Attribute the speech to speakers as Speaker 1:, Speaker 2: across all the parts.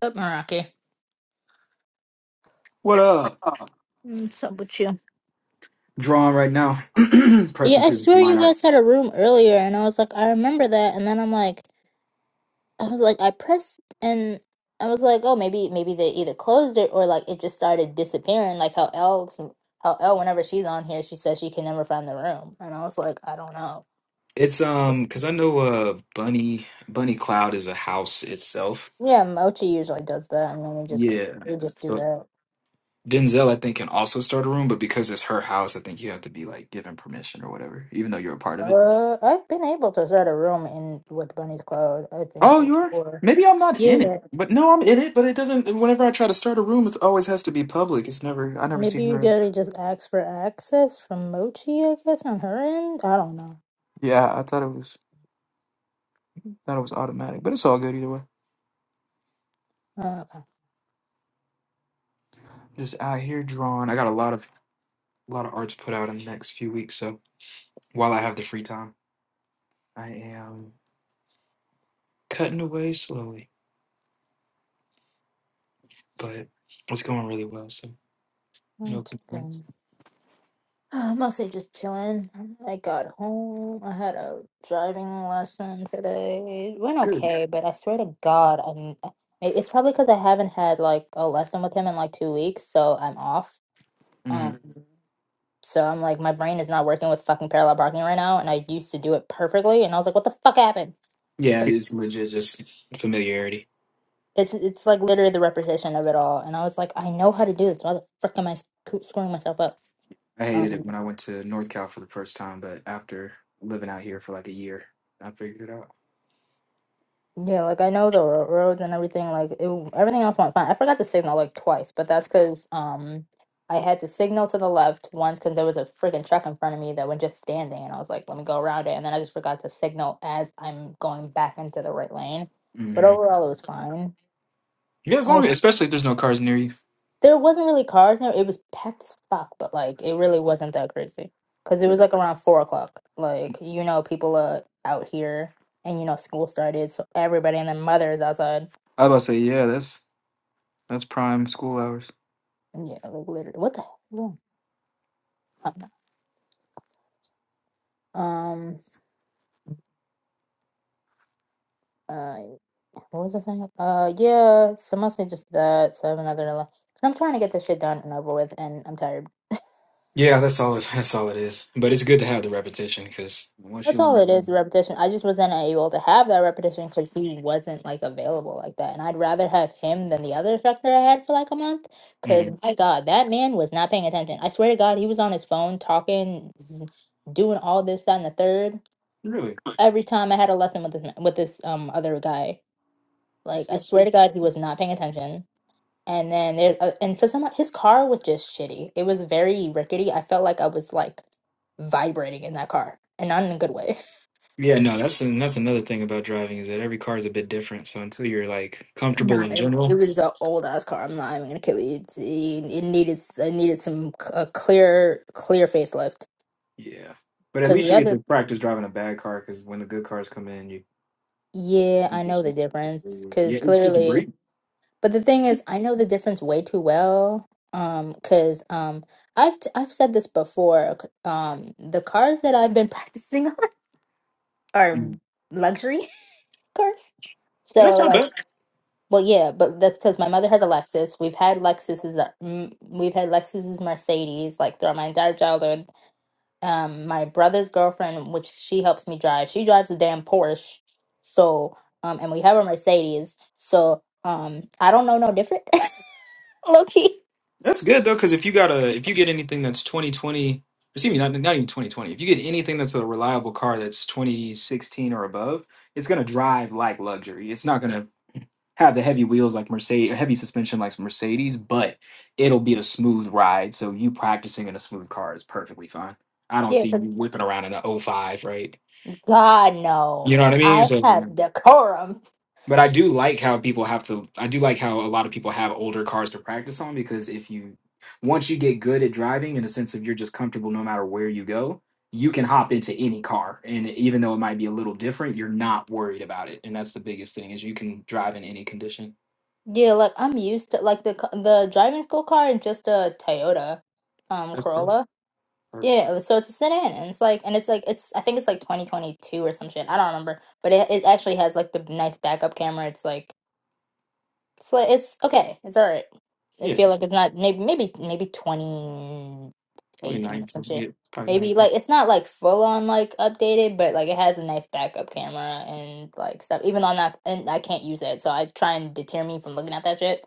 Speaker 1: Up, Meraki.
Speaker 2: What up?
Speaker 1: What's up with you?
Speaker 2: Drawing right now.
Speaker 1: Yeah,
Speaker 2: Pressing
Speaker 1: I
Speaker 2: through this
Speaker 1: swear
Speaker 2: line
Speaker 1: you
Speaker 2: art.
Speaker 1: guys had a room earlier, and I was like, I remember that, and then I'm like, I was like, I pressed, and I was like, oh, maybe, maybe they either closed it or like it just started disappearing, like how Elle, how Elle, whenever she's on here, she says she can never find the room, and I was like, I don't know.
Speaker 2: It's um because I know uh Bunny Bunny Cloud is a house itself.
Speaker 1: Yeah, Mochi usually does that, and then we just
Speaker 2: Yeah.
Speaker 1: we just do
Speaker 2: So
Speaker 1: that.
Speaker 2: Denzel I think can also start a room, but because it's her house, I think you have to be like given permission or whatever, even though you're a part of it.
Speaker 1: Uh, I've been able to start a room in with Bunny's Cloud, I think
Speaker 2: Oh, you are?
Speaker 1: before.
Speaker 2: Maybe I'm not in it.
Speaker 1: Yeah.
Speaker 2: But no, I'm in it, but it doesn't whenever I try to start a room, it always has to be public. It's never I never see
Speaker 1: Maybe you
Speaker 2: her.
Speaker 1: gotta just ask for access from Mochi, I guess, on her end. I don't know.
Speaker 2: Yeah, I thought it was thought it was automatic, but it's all good either way.
Speaker 1: Uh, okay.
Speaker 2: Just out here drawing. I got a lot of a lot of arts put out in the next few weeks. So while I have the free time, I am cutting away slowly, but it's going really well. So no
Speaker 1: That's
Speaker 2: complaints.
Speaker 1: good. I'm mostly just chilling. I got home. I had a driving lesson today. It went
Speaker 2: Good.
Speaker 1: okay, but I swear to God, I'm. it- It's probably because I haven't had like a lesson with him in like two weeks, so I'm off.
Speaker 2: hmm
Speaker 1: Um, Mhm. so I'm like, my brain is not working with fucking parallel parking right now, and I used to do it perfectly, and I was like, what the fuck happened?
Speaker 2: Yeah, it's legit just familiarity.
Speaker 1: It's it's like literally the repetition of it all, and I was like, I know how to do this. Why the frick am I sc- screwing myself up?
Speaker 2: I hated
Speaker 1: Um,
Speaker 2: it when I went to North Cal for the first time, but after living out here for like a year, I figured it out.
Speaker 1: yeah, like I know the ro- roads and everything. Like it, everything else went fine. I forgot to signal like twice, but that's because um I had to signal to the left once because there was a freaking truck in front of me that was just standing, and I was like, let me go around it, and then I just forgot to signal as I'm going back into the right lane. But
Speaker 2: hmm
Speaker 1: overall, it was fine.
Speaker 2: Yeah, as long as, especially if there's no cars near you.
Speaker 1: There wasn't really cars there. It was packed as fuck, but like it really wasn't that crazy because it was like around four o'clock. Like you know, people are out here, and you know, school started, so everybody and their mother is outside.
Speaker 2: I was about to say, yeah, that's that's prime school hours.
Speaker 1: And yeah, like literally, what the hell? I don't know. Um, uh, what was I saying? Uh, yeah, so mostly just that. So I have another. li- 'cause I'm trying to get this shit done and over with, and I'm tired.
Speaker 2: Yeah, that's all. It, that's all it is. But it's good to have the repetition because once
Speaker 1: That's
Speaker 2: you want
Speaker 1: all it is,
Speaker 2: that,
Speaker 1: repetition. I just wasn't able to have that repetition because he wasn't like available like that. And I'd rather have him than the other instructor I had for like a month. Because
Speaker 2: Mhm.
Speaker 1: my God, that man was not paying attention. I swear to God, he was on his phone talking, z- doing all this, that, and the third.
Speaker 2: really.
Speaker 1: Every time I had a lesson with this ma- with this um other guy, like I swear to God, he was not paying attention. And then there's uh, and for some his car was just shitty. It was very rickety. I felt like I was like vibrating in that car, and not in a good way.
Speaker 2: Yeah, no, that's and that's another thing about driving is that every car is a bit different. So until you're like comfortable
Speaker 1: Nah,
Speaker 2: in
Speaker 1: it, it
Speaker 2: general,
Speaker 1: was an old ass car. I'm not even gonna kid you. It, it it needed it needed some c- a clear clear facelift
Speaker 2: yeah. But at
Speaker 1: because
Speaker 2: least
Speaker 1: the
Speaker 2: you get to
Speaker 1: other
Speaker 2: practice driving a bad car because when the good cars come in, you,
Speaker 1: yeah
Speaker 2: you
Speaker 1: I know
Speaker 2: just
Speaker 1: the
Speaker 2: it's, it's a
Speaker 1: difference
Speaker 2: breeze.
Speaker 1: because
Speaker 2: yeah, it's just a
Speaker 1: clearly.
Speaker 2: breeze.
Speaker 1: But the thing is, I know the difference way too well. Um, because um, I've t- I've said this before. c- Um, the cars that I've been practicing on are
Speaker 2: Mm.
Speaker 1: luxury cars.
Speaker 2: That's
Speaker 1: So
Speaker 2: not
Speaker 1: like,
Speaker 2: bad.
Speaker 1: Well, yeah, but that's because my mother has a Lexus. We've had Lexuses, uh, m- we've had Lexuses Mercedes like throughout my entire childhood. Um, my brother's girlfriend, which she helps me drive, she drives a damn Porsche. So, um, and we have a Mercedes. So, um, I don't know no different, low key.
Speaker 2: That's good though, because if you got a if you get anything that's twenty twenty, excuse me, not not even twenty twenty. If you get anything that's a reliable car that's twenty sixteen or above, it's gonna drive like luxury. It's not gonna have the heavy wheels like Mercedes, heavy suspension like Mercedes, but it'll be a smooth ride. So you practicing in a smooth car is perfectly fine. I don't
Speaker 1: Yeah,
Speaker 2: see
Speaker 1: 'cause
Speaker 2: you whipping around in a O five, right?
Speaker 1: God
Speaker 2: You
Speaker 1: no,
Speaker 2: know what I mean?
Speaker 1: I
Speaker 2: So yeah.
Speaker 1: have decorum.
Speaker 2: But I do like how people have to. I do like how a lot of people have older cars to practice on because if you once you get good at driving, in a sense of you're just comfortable no matter where you go, you can hop into any car, and even though it might be a little different, you're not worried about it, and that's the biggest thing is you can drive in any condition.
Speaker 1: Yeah, like I'm used to like the c- the driving school car is just a Toyota, um,
Speaker 2: That's perfect.
Speaker 1: Corolla.
Speaker 2: perfect.
Speaker 1: Yeah, so it's a sit-in, and it's like, and it's like, it's I think it's like 2022 or some shit. I don't remember, but it it actually has like the nice backup camera. It's like, it's like, it's okay, it's all right. I
Speaker 2: Yeah,
Speaker 1: feel like it's not maybe maybe maybe
Speaker 2: probably
Speaker 1: 2018 or some
Speaker 2: nineteen.
Speaker 1: shit.
Speaker 2: Yeah, probably
Speaker 1: Maybe
Speaker 2: nineteen.
Speaker 1: like it's not like full on like updated, but like it has a nice backup camera and like stuff. Even though I'm not and I can't use it, so I try and deter me from looking at that shit.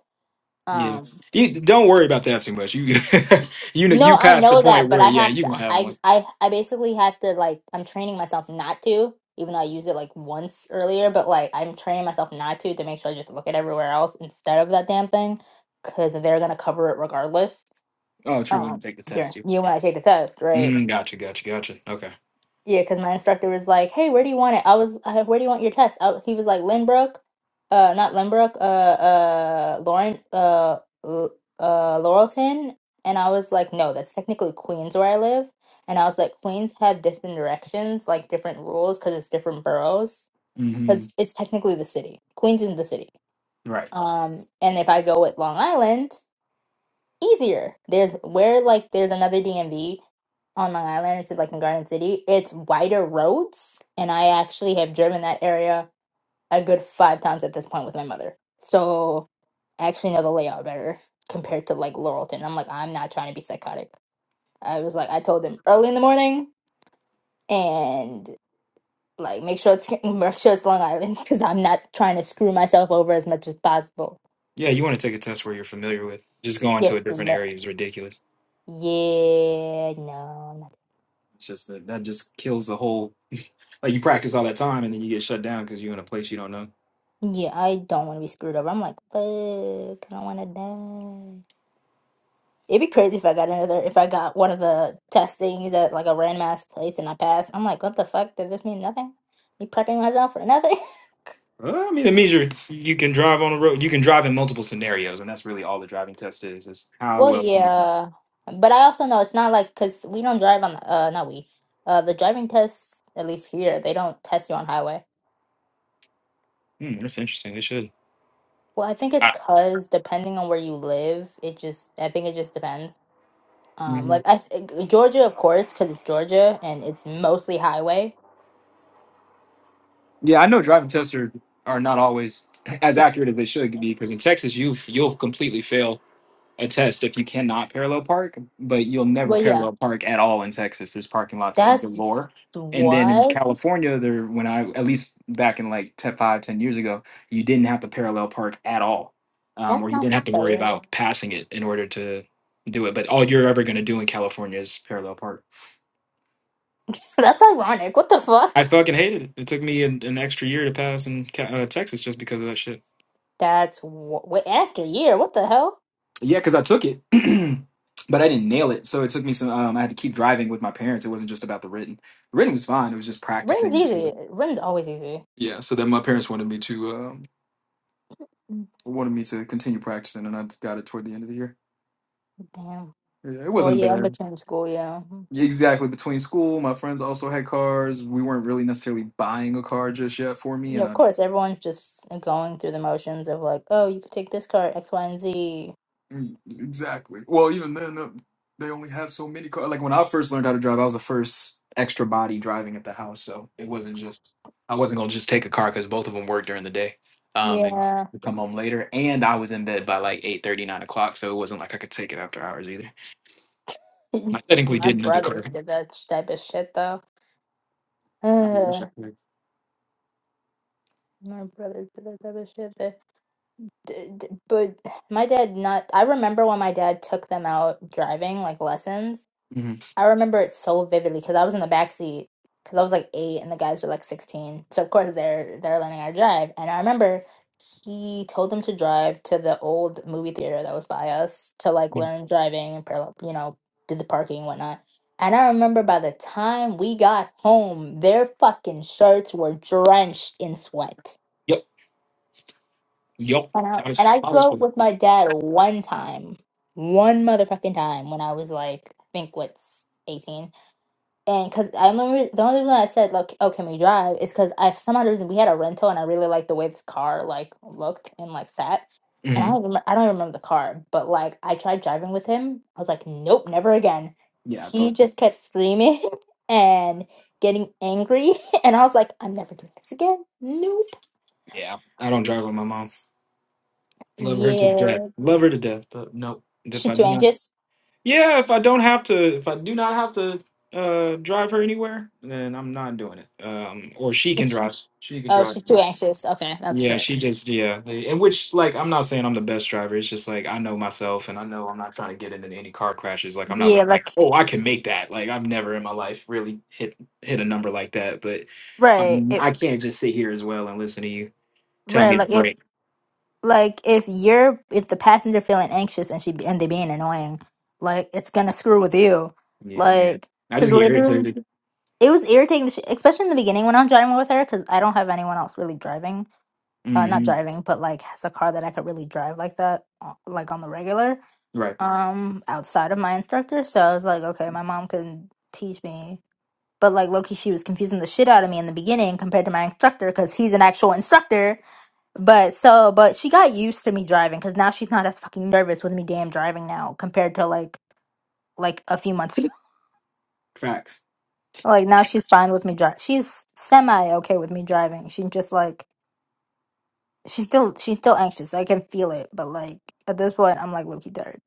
Speaker 2: Yeah,
Speaker 1: Um.
Speaker 2: you, don't worry about that too much. You you know you
Speaker 1: No, I
Speaker 2: passed the
Speaker 1: know
Speaker 2: point
Speaker 1: that, but
Speaker 2: where
Speaker 1: I
Speaker 2: yeah
Speaker 1: have
Speaker 2: you
Speaker 1: to.
Speaker 2: gonna have
Speaker 1: I
Speaker 2: one.
Speaker 1: I I basically have to like. I'm training myself not to, even though I used it like once earlier. But like, I'm training myself not to to make sure I just look at everywhere else instead of that damn thing, because they're gonna cover it regardless.
Speaker 2: Oh, true. When you
Speaker 1: Um,
Speaker 2: take the test,
Speaker 1: during
Speaker 2: you.
Speaker 1: you when I take the test, right?
Speaker 2: Mm, gotcha, gotcha, gotcha. Okay.
Speaker 1: Yeah, because my instructor was like, "Hey, where do you want it?" I was, uh, "Where do you want your test?" I, he was like, "Lynbrook, uh, not Lynbrook, uh, uh, Lauren, uh, L- uh, Laurelton." And I was like, "No, that's technically Queens where I live." And I was like, "Queens have different directions, like different rules, because it's different boroughs,
Speaker 2: Mm-hmm.
Speaker 1: because it's technically the city. Queens is the city.
Speaker 2: Right.
Speaker 1: Um, and if I go with Long Island." easier. There's where like there's another DMV on Long Island. It's like in Garden City. It's wider roads, and I actually have driven that area a good five times at this point with my mother. So I actually know the layout better compared to like Laurelton. I'm like I'm not trying to be psychotic. I was like I told them early in the morning and like make sure it's make sure it's Long Island because I'm not trying to screw myself over as much as possible.
Speaker 2: Yeah, you want to take a test where you're familiar with. Just going
Speaker 1: Yeah,
Speaker 2: to a different
Speaker 1: no.
Speaker 2: area is ridiculous.
Speaker 1: yeah, no, no.
Speaker 2: It's just that that just kills the whole. like you practice all that time and then you get shut down because you're in a place you don't know.
Speaker 1: Yeah, I don't want to be screwed over. I'm like, fuck, I don't want to die. It'd be crazy if I got another, if I got one of the test things at like a randomized place and I passed. I'm like, what the fuck? Does this mean nothing? Me prepping myself for nothing?
Speaker 2: Well, I mean, it means you're you can drive on the road. You can drive in multiple scenarios, and that's really all the driving test is: is how
Speaker 1: Well,
Speaker 2: well can you drive.
Speaker 1: yeah, but I also know it's not like because we don't drive on the uh not we uh the driving tests at least here they don't test you on highway.
Speaker 2: Hmm, that's interesting. They should.
Speaker 1: Well, I think it's
Speaker 2: I,
Speaker 1: because depending on where you live, it just I think it just depends. Um, like
Speaker 2: Mhm.
Speaker 1: I th- Georgia, of course, because it's Georgia and it's mostly highway.
Speaker 2: yeah, I know driving tests are, are not always as
Speaker 1: It's
Speaker 2: accurate as they should be because in Texas you you'll completely fail a test if you cannot parallel park, but you'll never
Speaker 1: well, yeah.
Speaker 2: parallel park at all in Texas. There's parking lots of
Speaker 1: That's s-
Speaker 2: galore. And then in
Speaker 1: what?
Speaker 2: California, there when I at least back in like te- five, ten years ago, you didn't have to parallel park at all. Um,
Speaker 1: That's
Speaker 2: or you
Speaker 1: not
Speaker 2: didn't have to worry
Speaker 1: fair.
Speaker 2: about passing it in order to do it. But all you're ever gonna do in California is parallel park.
Speaker 1: That's ironic. What the fuck?
Speaker 2: I fucking hated it. It took me an, an extra year to pass in Ca- uh, Texas just because of that shit.
Speaker 1: That's wh- wait, after year. What the hell?
Speaker 2: Yeah, because I took it, but I didn't nail it. So it took me some. Um, I had to keep driving with my parents. It wasn't just about the written. The written was fine. It was just
Speaker 1: Ring's
Speaker 2: practicing. So,
Speaker 1: easy. Ring's always easy.
Speaker 2: yeah. So then my parents wanted me to um,
Speaker 1: Mm,
Speaker 2: wanted me to continue practicing, and I got it toward the end of the year.
Speaker 1: Damn.
Speaker 2: Yeah, it
Speaker 1: Well,
Speaker 2: wasn't
Speaker 1: yeah, in
Speaker 2: bad.
Speaker 1: between school, yeah. Mhm.
Speaker 2: Yeah, Exactly. Between school, my friends also had cars. We weren't really necessarily buying a car just yet for me,
Speaker 1: Yeah,
Speaker 2: and I
Speaker 1: of course, everyone's just uh, going through the motions of like, oh, you could take this card, X, Y, and Z.
Speaker 2: Mm, Exactly. Well, even then, uh, they only had so many cars. Like when I first learned how to drive, I was the first extra body driving at the house, so it wasn't just I wasn't gonna just take a car because both of them worked during the day, um, and
Speaker 1: Yeah.
Speaker 2: come home later. And I was in bed by like eight thirty, nine o'clock, so it wasn't like I could take it after hours either. I technically
Speaker 1: My
Speaker 2: didn't need the car.
Speaker 1: brothers did that sh- type of shit though.
Speaker 2: I wish I could.
Speaker 1: My brothers did that type of shit. They, d d but my dad not. I remember when my dad took them out driving, like lessons.
Speaker 2: Mm-hmm.
Speaker 1: I remember it so vividly because I was in the back seat because I was like eight and the guys were like sixteen. So of course they're they're learning how to drive. And I remember he told them to drive to the old movie theater that was by us to like
Speaker 2: Mm,
Speaker 1: learn driving and parallel, you know, did the parking and whatnot. And I remember by the time we got home, their fucking shirts were drenched in sweat.
Speaker 2: Yep. Yep.
Speaker 1: And I
Speaker 2: I was.
Speaker 1: and I
Speaker 2: I was.
Speaker 1: drove with my dad one time, one motherfucking time when I was like, I think what's eighteen. And because I remember the only reason I said like, oh, can we drive? Is because I for some odd reason we had a rental and I really liked the way this car like looked and like sat. And
Speaker 2: hmm
Speaker 1: I don't remember, I don't remember the car, but like I tried driving with him. I was like, nope, never again.
Speaker 2: Yeah.
Speaker 1: He
Speaker 2: Fuck that.
Speaker 1: just kept screaming and getting angry, and I was like, I'm never doing this again. Nope.
Speaker 2: Yeah. I don't drive with my mom. Love her to death.
Speaker 1: Yeah,
Speaker 2: Love her to death, but nope. If
Speaker 1: she's
Speaker 2: I
Speaker 1: too
Speaker 2: do not
Speaker 1: anxious.
Speaker 2: Yeah, if I don't have to, if I do not have to uh drive her anywhere, then I'm not doing it. Um, or she can drive. She can
Speaker 1: Oh,
Speaker 2: drive.
Speaker 1: she's too
Speaker 2: too.
Speaker 1: anxious. Okay, that's
Speaker 2: Yeah,
Speaker 1: fair.
Speaker 2: she just yeah. they- In which like I'm not saying I'm the best driver. It's just like I know myself, and I know I'm not trying to get into any car crashes. Like I'm not
Speaker 1: Yeah,
Speaker 2: looking like
Speaker 1: like
Speaker 2: oh I can make that. Like I've never in my life really hit hit a number like that. But
Speaker 1: right,
Speaker 2: I'm I
Speaker 1: it,
Speaker 2: can't just sit here as well and listen to you tell
Speaker 1: right.
Speaker 2: me to
Speaker 1: Like if
Speaker 2: break.
Speaker 1: like if you're if the passenger feeling anxious and she and they being annoying, like it's gonna screw with you, Yeah.
Speaker 2: Yeah,
Speaker 1: like
Speaker 2: I just
Speaker 1: because
Speaker 2: get
Speaker 1: literally
Speaker 2: irritated.
Speaker 1: it was irritating, sh- especially in the beginning when I'm driving with her because I don't have anyone else really driving, uh, not
Speaker 2: hmm
Speaker 1: driving, but like has a car that I could really drive like that, uh, like on the regular,
Speaker 2: Right.
Speaker 1: um, outside of my instructor. So I was like, okay, my mom can teach me But like Loki, she was confusing the shit out of me in the beginning compared to my instructor because he's an actual instructor. But so, but she got used to me driving because now she's not as fucking nervous with me damn driving now compared to like like a few months ago.
Speaker 2: Facts.
Speaker 1: Like now she's fine with me driving. She's semi okay with me driving. She just like she's still she's still anxious. I can feel it, but like at this point, I'm like Loki tired.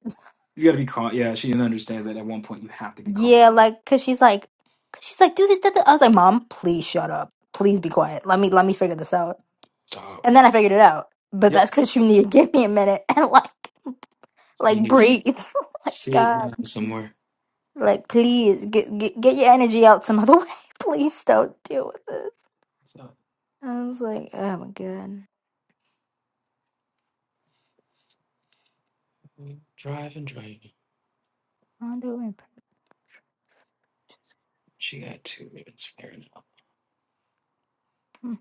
Speaker 2: He's got to be caught. Yeah, she understands that at one point you have to be caught.
Speaker 1: Yeah, like cause she's like, cause she's like, do this, that, that. I was like, mom, please shut up. Please be quiet. Let me let me figure this out.
Speaker 2: Stop.
Speaker 1: And then I figured it out. But
Speaker 2: Yep.
Speaker 1: that's because you need to give me a minute and like,
Speaker 2: So you
Speaker 1: like
Speaker 2: need to s-
Speaker 1: breathe. like
Speaker 2: sit down
Speaker 1: God,
Speaker 2: somewhere.
Speaker 1: like please get, get get your energy out some other way. Please don't deal with this.
Speaker 2: So
Speaker 1: I was like, oh my God,
Speaker 2: drive and drive.
Speaker 1: I'm doing.
Speaker 2: She got two minutes. Fair enough.
Speaker 1: Damn,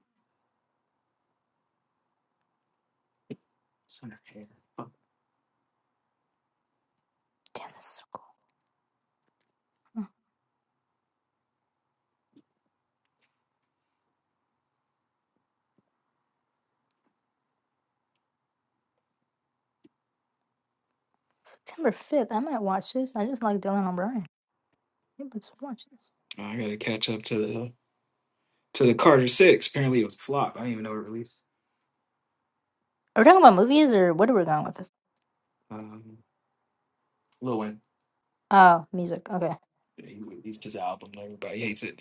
Speaker 2: It's in her hair.
Speaker 1: this is so cool. Hmm. September fifth, I might watch this. I just like Dylan O'Brien. Yeah, Let's watch this.
Speaker 2: I got to catch up to the to the Carter Six. Apparently it was a flop. I didn't even know it released.
Speaker 1: Are we talking about movies or what are we going with this?
Speaker 2: Um, Lil Wayne.
Speaker 1: Oh, music. Okay.
Speaker 2: He released his album. and Everybody hates it.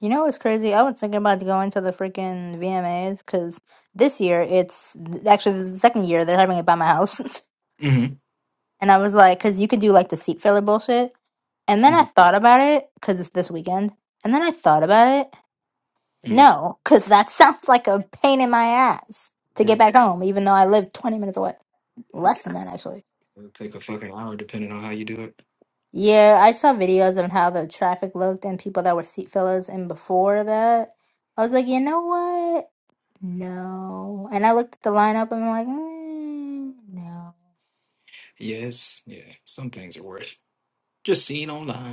Speaker 1: You know what's crazy? I was thinking about going to the freaking VMAs because this year it's actually this is the second year they're having it by my house.
Speaker 2: Mm-hmm.
Speaker 1: And I was like, because you could do like the seat filler bullshit. And then I thought about it because it's this weekend. And then I thought about it.
Speaker 2: Mm-hmm.
Speaker 1: No, because that sounds like a pain in my ass to
Speaker 2: Yeah.
Speaker 1: get back home, even though I live 20 minutes away.
Speaker 2: Yeah.
Speaker 1: Less than that, actually.
Speaker 2: It'll take a fucking hour depending on how you do it.
Speaker 1: Yeah, I saw videos on how the traffic looked and people that were seat fillers. And before that, I was like, you know what? No. And I looked at the lineup and I'm like, mm, no.
Speaker 2: Yes. Yeah. Some things are worth just seeing online.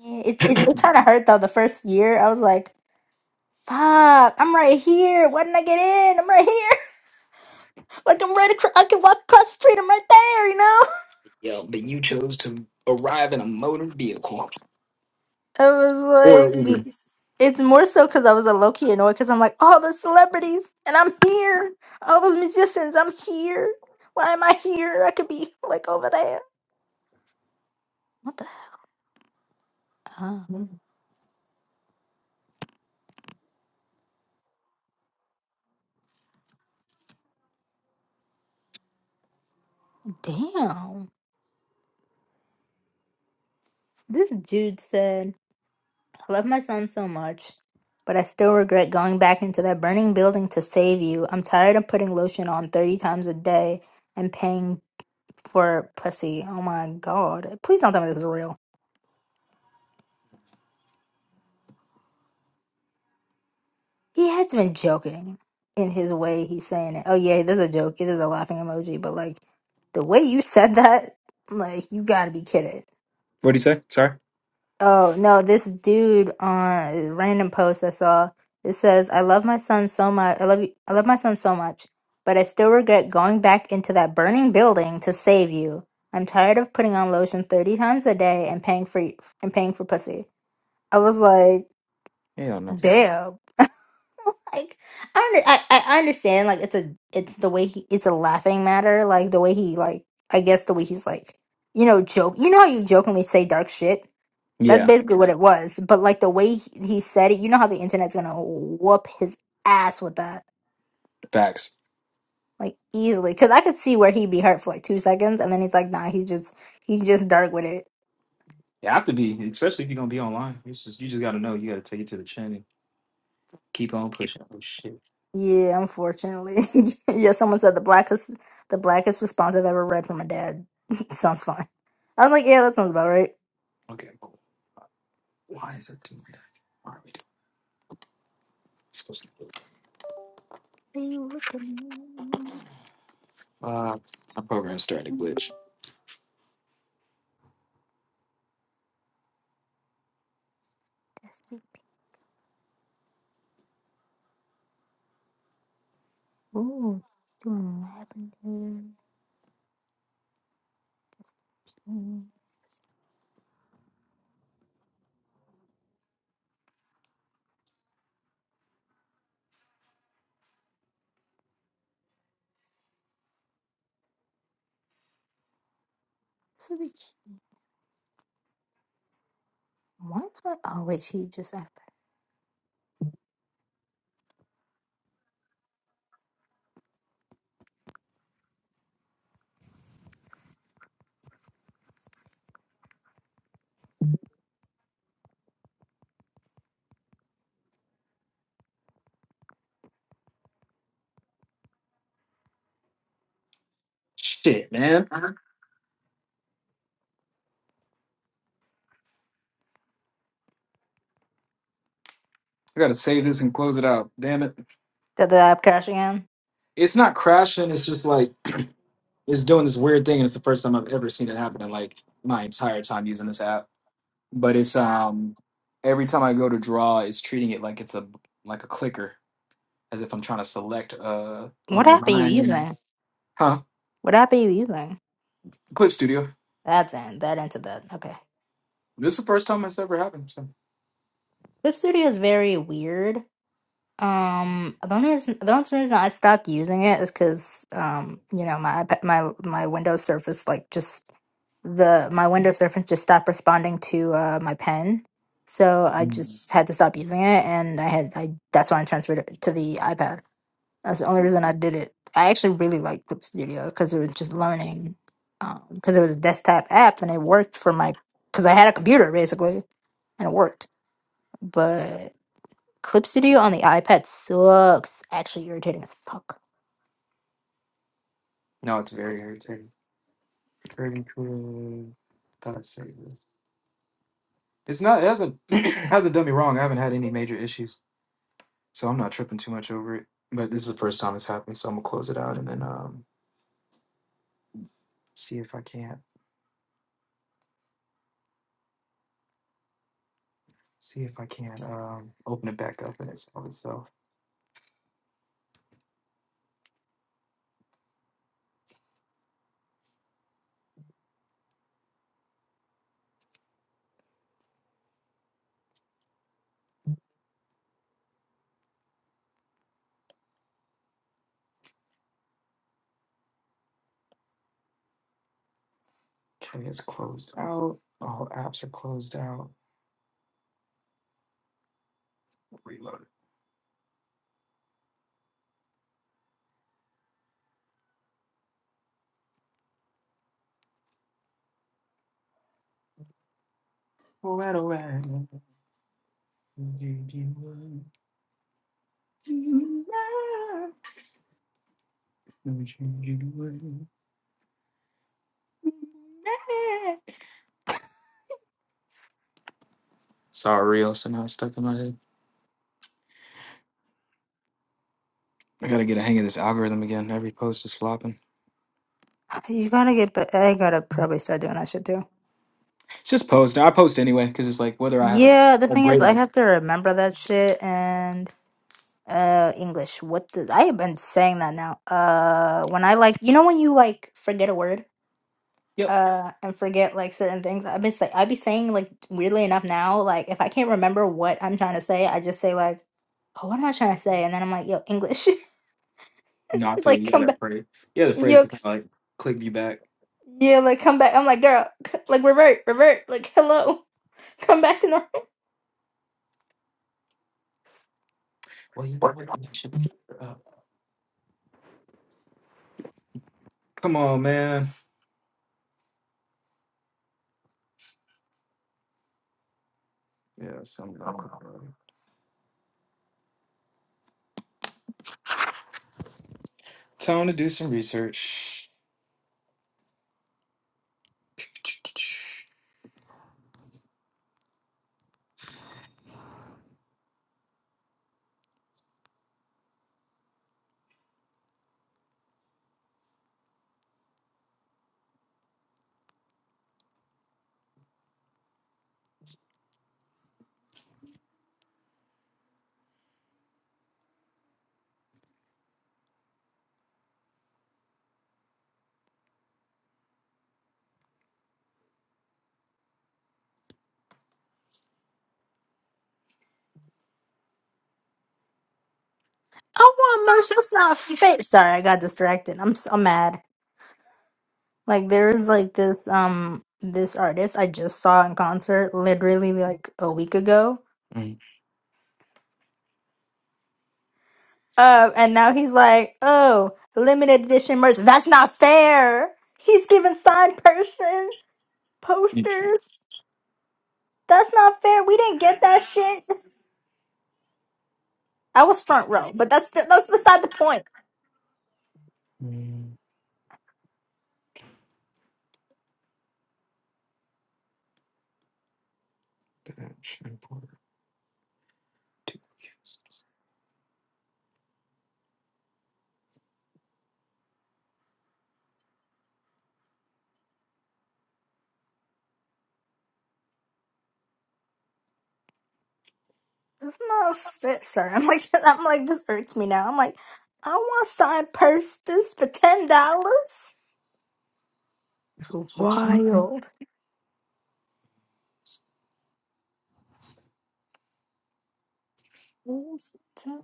Speaker 1: Yeah, it it, it kind of hurt though. The first year, I was like, fuck, I'm right here. Why didn't I get in? I'm right here. Like I'm right across. I can walk across the street. I'm right there. You know.
Speaker 2: Yeah, but you chose to arrive in a motor vehicle.
Speaker 1: I was
Speaker 2: Or
Speaker 1: like,
Speaker 2: Uber.
Speaker 1: Mm. it's more so because I was a low key annoyed because I'm like, all the celebrities and I'm here. All those musicians, I'm here. Why am I here? I could be like over there. What the hell? Damn. This dude said, I love my son so much, but I still regret going back into that burning building to save you. I'm tired of putting lotion on 30 times a day and paying for pussy. Oh my god. Please don't tell me this is real. He has been joking in his way. He's saying it. Oh yeah, this is a joke. It is a laughing emoji. But like the way you said that, like you got to be kidding.
Speaker 2: What do you say? Sorry.
Speaker 1: Oh no, this dude on a random post I saw. It says, "I love my son so much. I love you. I love my son so much, but I still regret going back into that burning building to save you. I'm tired of putting on lotion thirty times a day and paying for and paying for pussy." I was like,
Speaker 2: Hell no.
Speaker 1: "Damn." like I, under, I I understand like it's a it's the way he it's a laughing matter like the way he like I guess the way he's like you know joke you know how you jokingly say dark shit that's
Speaker 2: Yeah,
Speaker 1: basically what it was but like the way he, he said it you know how the internet's gonna whoop his ass with that
Speaker 2: facts.
Speaker 1: like easily because I could see where he'd be hurt for like two seconds and then he's like nah he just he just dark with it
Speaker 2: You have to be, especially if you're gonna be online. It's just you just gotta know. You gotta take it to the chin and keep on pushing. Oh shit.
Speaker 1: yeah unfortunately yeah someone said the blackest the blackest response I've ever read from a dad sounds fine I'm like yeah that sounds about right.
Speaker 2: Okay, cool. Why is it doing that? Why are we doing it's supposed to do?
Speaker 1: you look at me.
Speaker 2: Uh, my program started to glitch.
Speaker 1: Dusty. Ooh, happened doing lavender. Switch. Why is my oh wait, she just app.
Speaker 2: Shit, man.
Speaker 1: Huh?
Speaker 2: I gotta save this and close it out. Damn it.
Speaker 1: Did the app crash again?
Speaker 2: It's not crashing. It's just like it's doing this weird thing, and it's the first time I've ever seen it happen in like my entire time using this app. but it's um every time I go to draw, it's treating it like it's a like a clicker, as if I'm trying to select a a
Speaker 1: What app are you
Speaker 2: line.
Speaker 1: using?
Speaker 2: Huh?
Speaker 1: What app are you using?
Speaker 2: Clip Studio.
Speaker 1: That's in that into that. Okay.
Speaker 2: This is the first time it's ever happened. So
Speaker 1: Clip Studio is very weird. Um, the only reason the only reason I stopped using it is because um, you know, my iPad, my my Windows Surface like just the my Windows Surface just stopped responding to uh my pen, so I
Speaker 2: Mm.
Speaker 1: just had to stop using it, and I had I that's why I transferred it to the iPad. That's the only reason I did it. I actually really liked Clip Studio because it was just learning, um, because it was a desktop app and it worked for my because I had a computer basically and it worked, but. Clip Studio on the iPad sucks. Actually irritating as fuck.
Speaker 2: no, it's very irritating. Curtain crew. Thought I'd save this. It's not. It hasn't hasn't done me wrong. I haven't had any major issues, so I'm not tripping too much over it. But this is the first time it's happened, so I'm gonna close it out and then um see if I can't see if I can't um open it back up and it's of itself. Okay, it's closed out. All apps are closed out. Reload. All right, all right. Do you want- do you want- do you want- Sorry, also now I stuck in my head. I gotta get a hang of this algorithm again. Every post is flopping.
Speaker 1: You gotta get, but I gotta probably start doing that shit too.
Speaker 2: It's just post. Now I post anyway because it's like whether I have a,
Speaker 1: Yeah, the
Speaker 2: a
Speaker 1: thing is,
Speaker 2: great
Speaker 1: I
Speaker 2: idea.
Speaker 1: have to remember that shit and uh English. What the I have been saying that now. Uh, when I like, you know, when you like forget a word,
Speaker 2: Yep.
Speaker 1: uh, and forget like certain things. I've been say I'd be saying like weirdly enough now, like if I can't remember what I'm trying to say, I just say like, oh, what am I trying to say? And then I'm like, yo, English,
Speaker 2: Not the
Speaker 1: like
Speaker 2: yeah
Speaker 1: come
Speaker 2: that
Speaker 1: back,
Speaker 2: phrase. Yeah, the phrase
Speaker 1: yo.
Speaker 2: to kind of like click you back.
Speaker 1: Yeah, like come back. I'm like, girl, c- like revert, revert. Like, hello, come back to normal.
Speaker 2: Well, you know what? That should be up. Come on, man. Yeah, something not clicking. already. Time to do some research.
Speaker 1: I want merch. That's not fair. Sorry, I got distracted. I'm s- I'm mad. Like there's like this um this artist I just saw in concert literally like a week ago.
Speaker 2: Mm.
Speaker 1: Uh, and now he's like, oh, limited edition merch. That's not fair. He's giving signed persons
Speaker 2: Yes.
Speaker 1: posters. That's not fair. We didn't get that shit. I was front row, but that's that's beside the point.
Speaker 2: Mm, Batch import two kids.
Speaker 1: It's not fair, sir. I'm like, I'm like, this hurts me now. I'm like, I want signed posters for ten dollars. It's wild. Yes, it's a-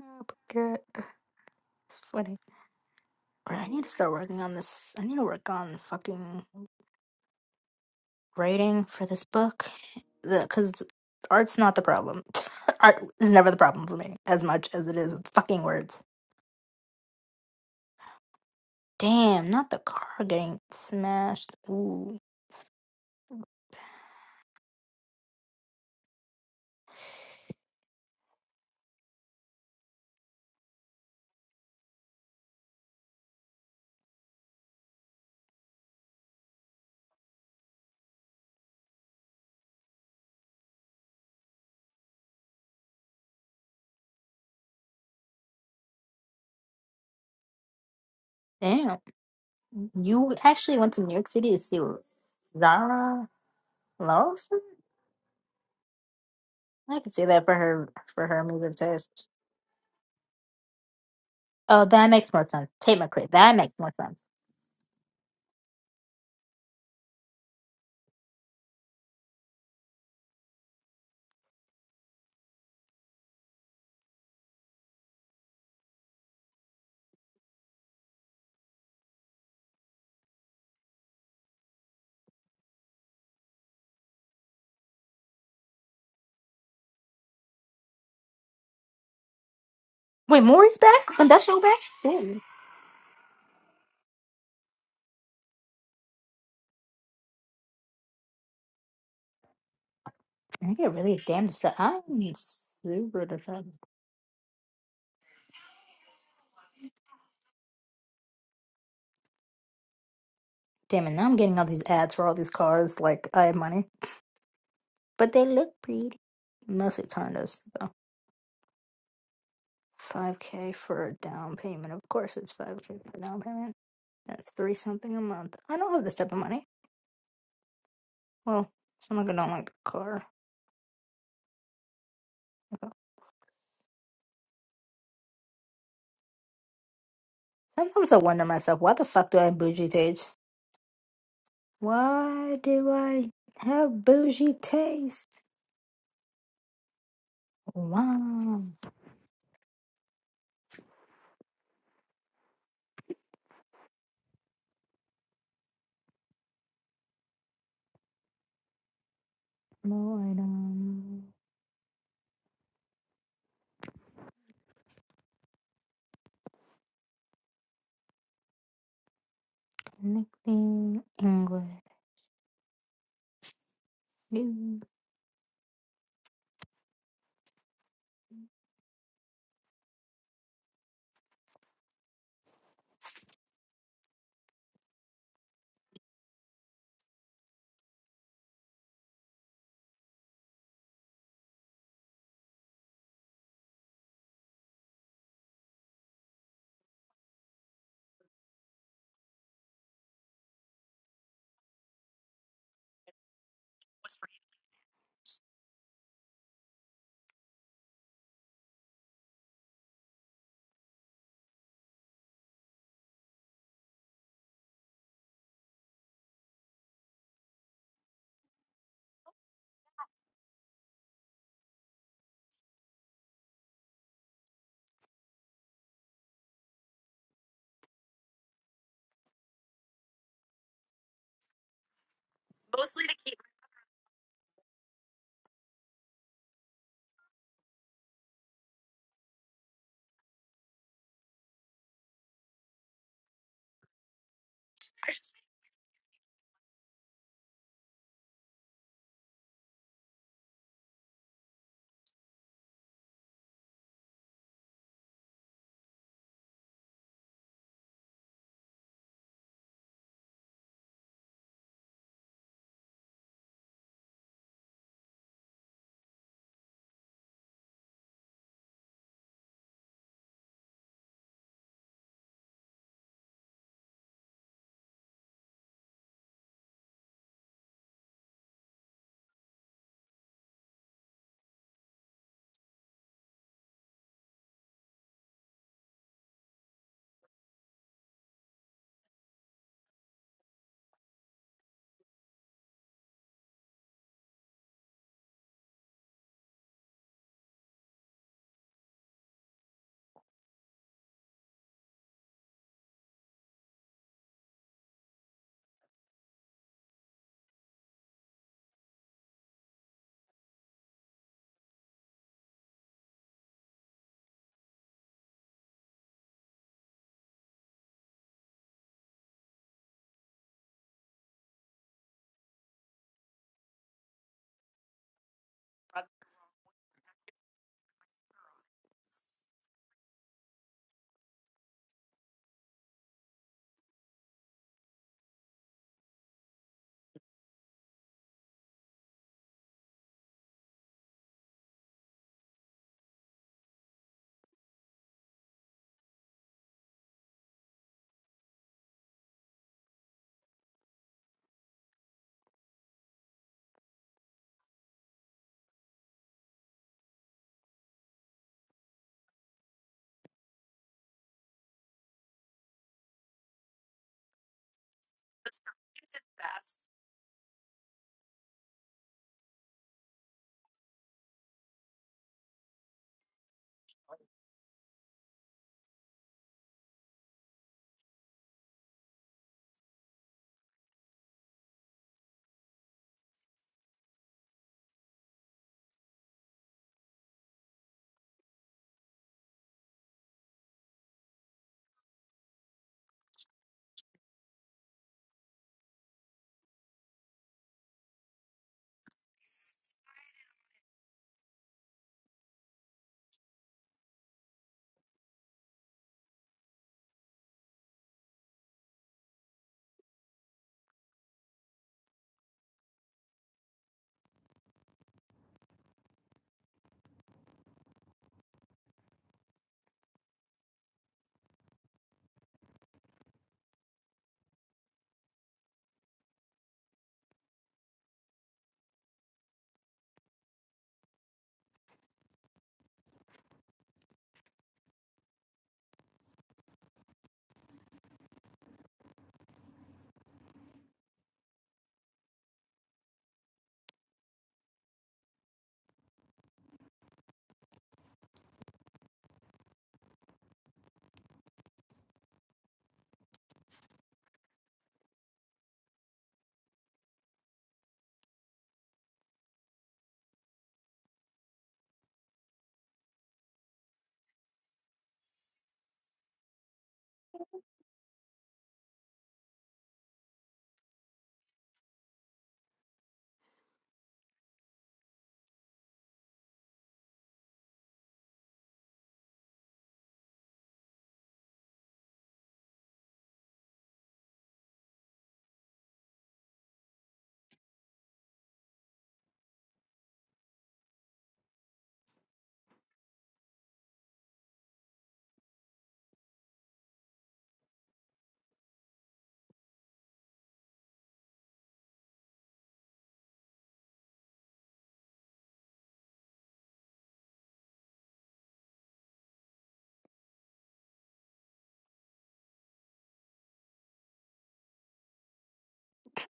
Speaker 1: uh, good. It's funny. All right, I need to start working on this. I need to work on fucking writing for this book, because art's not the problem. Art is never the problem for me as much as it is with fucking words. Damn, not the car getting smashed. Ooh, damn. You actually went to New York City to see Zara Larson? I can see that for her for her music taste. Oh, that makes more sense. Tate McRae. That makes more sense. Wait, Maury's back? Industrial back? Damn. I get really damn distracted. I'm super distracted. Damn it, now I'm getting all these ads for all these cars like I have money. But they look pretty. Mostly Tondas, though. 5k for a down payment. Of course it's 5k for down payment. That's three something a month. I don't have this type of money. Well, some of I don't like the car. Okay. Sometimes I wonder myself, why the fuck do I have bougie taste? Why do I have bougie taste? Why? Boredom, connecting, English. Dude,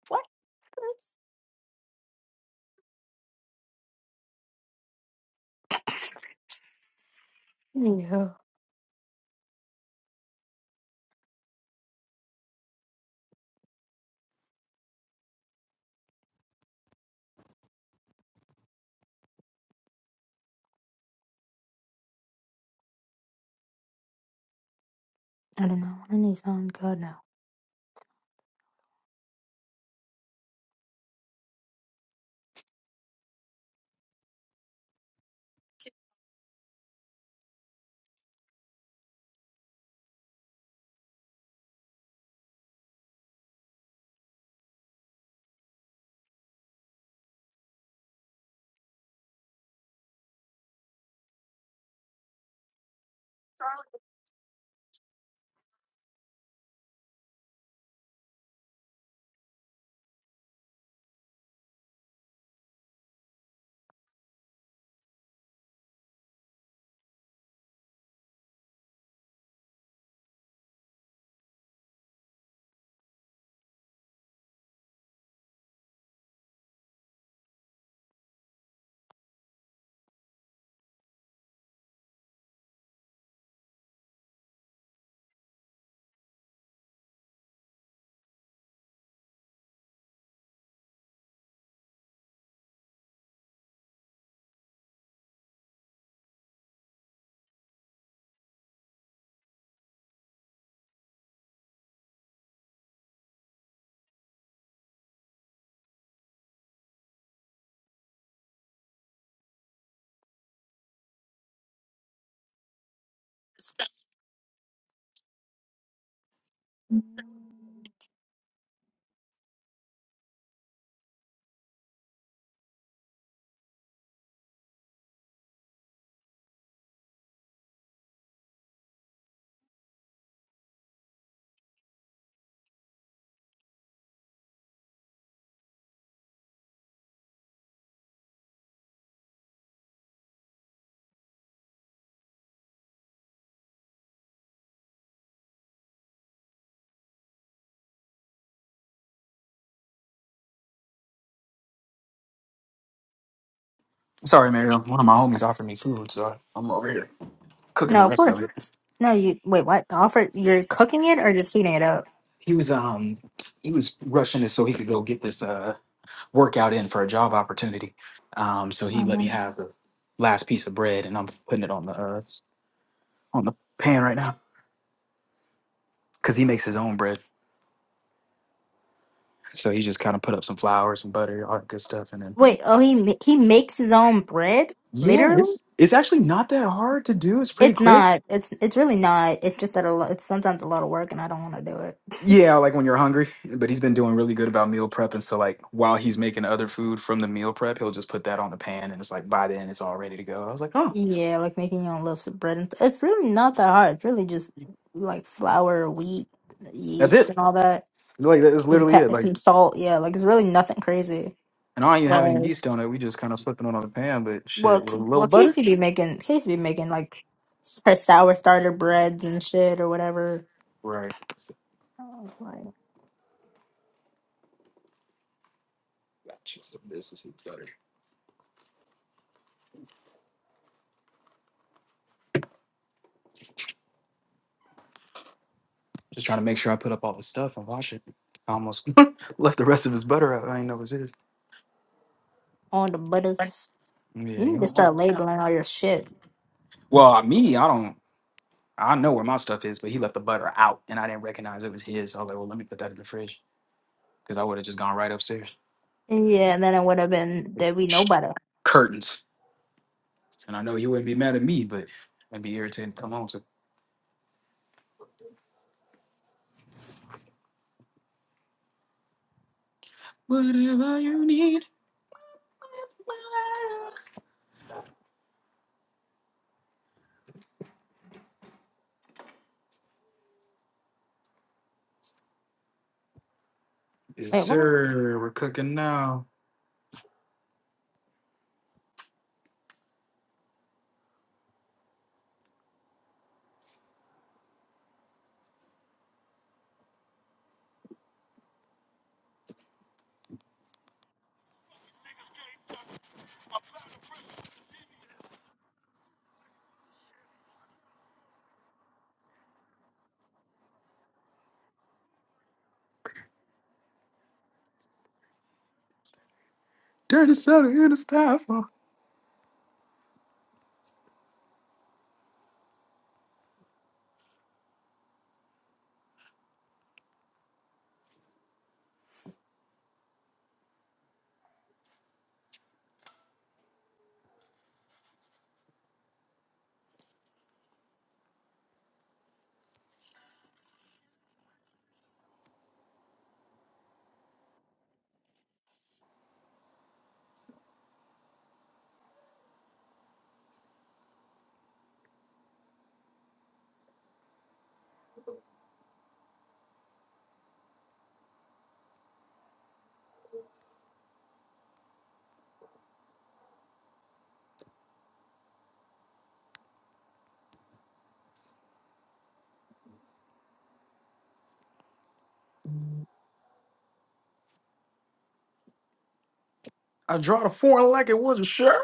Speaker 1: what is this? Yeah. I don't know. I need something good now.
Speaker 2: Sorry, Mario. One of my homies offered me food, so I'm over here cooking the
Speaker 1: No, of
Speaker 2: rest of
Speaker 1: course.
Speaker 2: it.
Speaker 1: No, you wait. What the offer? You're cooking it or just heating it up?
Speaker 2: He was um he was rushing it so he could go get this uh workout in for a job opportunity. Um, so he
Speaker 1: Um,
Speaker 2: let me have the last piece of bread, and I'm putting it on the uh, on the pan right now because he makes his own bread. So he just kind of put up some flour, some butter, all that good stuff, and then
Speaker 1: wait. Oh, he ma- he makes his own bread.
Speaker 2: Yeah,
Speaker 1: Literally,
Speaker 2: it's it's actually not that hard to do. It's pretty
Speaker 1: it's
Speaker 2: quick.
Speaker 1: not. It's it's really not. It's just that a lot. It's sometimes a lot of work, and I don't want to do it.
Speaker 2: Yeah, like when you're hungry. But he's been doing really good about meal prep, and so like while he's making other food from the meal prep, he'll just put that on the pan, and it's like by then it's all ready to go. I was like, oh,
Speaker 1: yeah, like making your own loaves of bread. And it's really not that hard. It's really just like flour, wheat,
Speaker 2: that's
Speaker 1: yeast,
Speaker 2: it.
Speaker 1: and all that.
Speaker 2: Like that's
Speaker 1: some
Speaker 2: literally
Speaker 1: pep,
Speaker 2: it. Like,
Speaker 1: some salt. Yeah, like it's really nothing crazy.
Speaker 2: and I don't even have any
Speaker 1: Like,
Speaker 2: yeast on it. We just kind of flipping it on the pan, but
Speaker 1: well,
Speaker 2: shit with a
Speaker 1: K-
Speaker 2: little
Speaker 1: well,
Speaker 2: butter.
Speaker 1: Casey be making Casey be making like her sour starter breads and shit or whatever.
Speaker 2: Right.
Speaker 1: I was Like
Speaker 2: Just trying to make sure I put up all the stuff and wash it. I almost left the rest of his butter out. I didn't know it was his.
Speaker 1: on the butters.
Speaker 2: Yeah,
Speaker 1: You
Speaker 2: you
Speaker 1: need to
Speaker 2: don't
Speaker 1: start
Speaker 2: want.
Speaker 1: labeling all your shit.
Speaker 2: Well, me, I don't. I know where my stuff is, but he left the butter out, and I didn't recognize it was his. So I was like, well, let me put that in the fridge because I would have just gone right upstairs.
Speaker 1: Yeah, and then it would have been that we know better.
Speaker 2: Curtains, and I know he wouldn't be mad at me, but I'd be irritated. Come on, so whatever you need. Yes,
Speaker 1: Wait, what?
Speaker 2: sir. We're cooking now. Dirty soda in the styrofoam. I draw the foreign like it was a Chevy.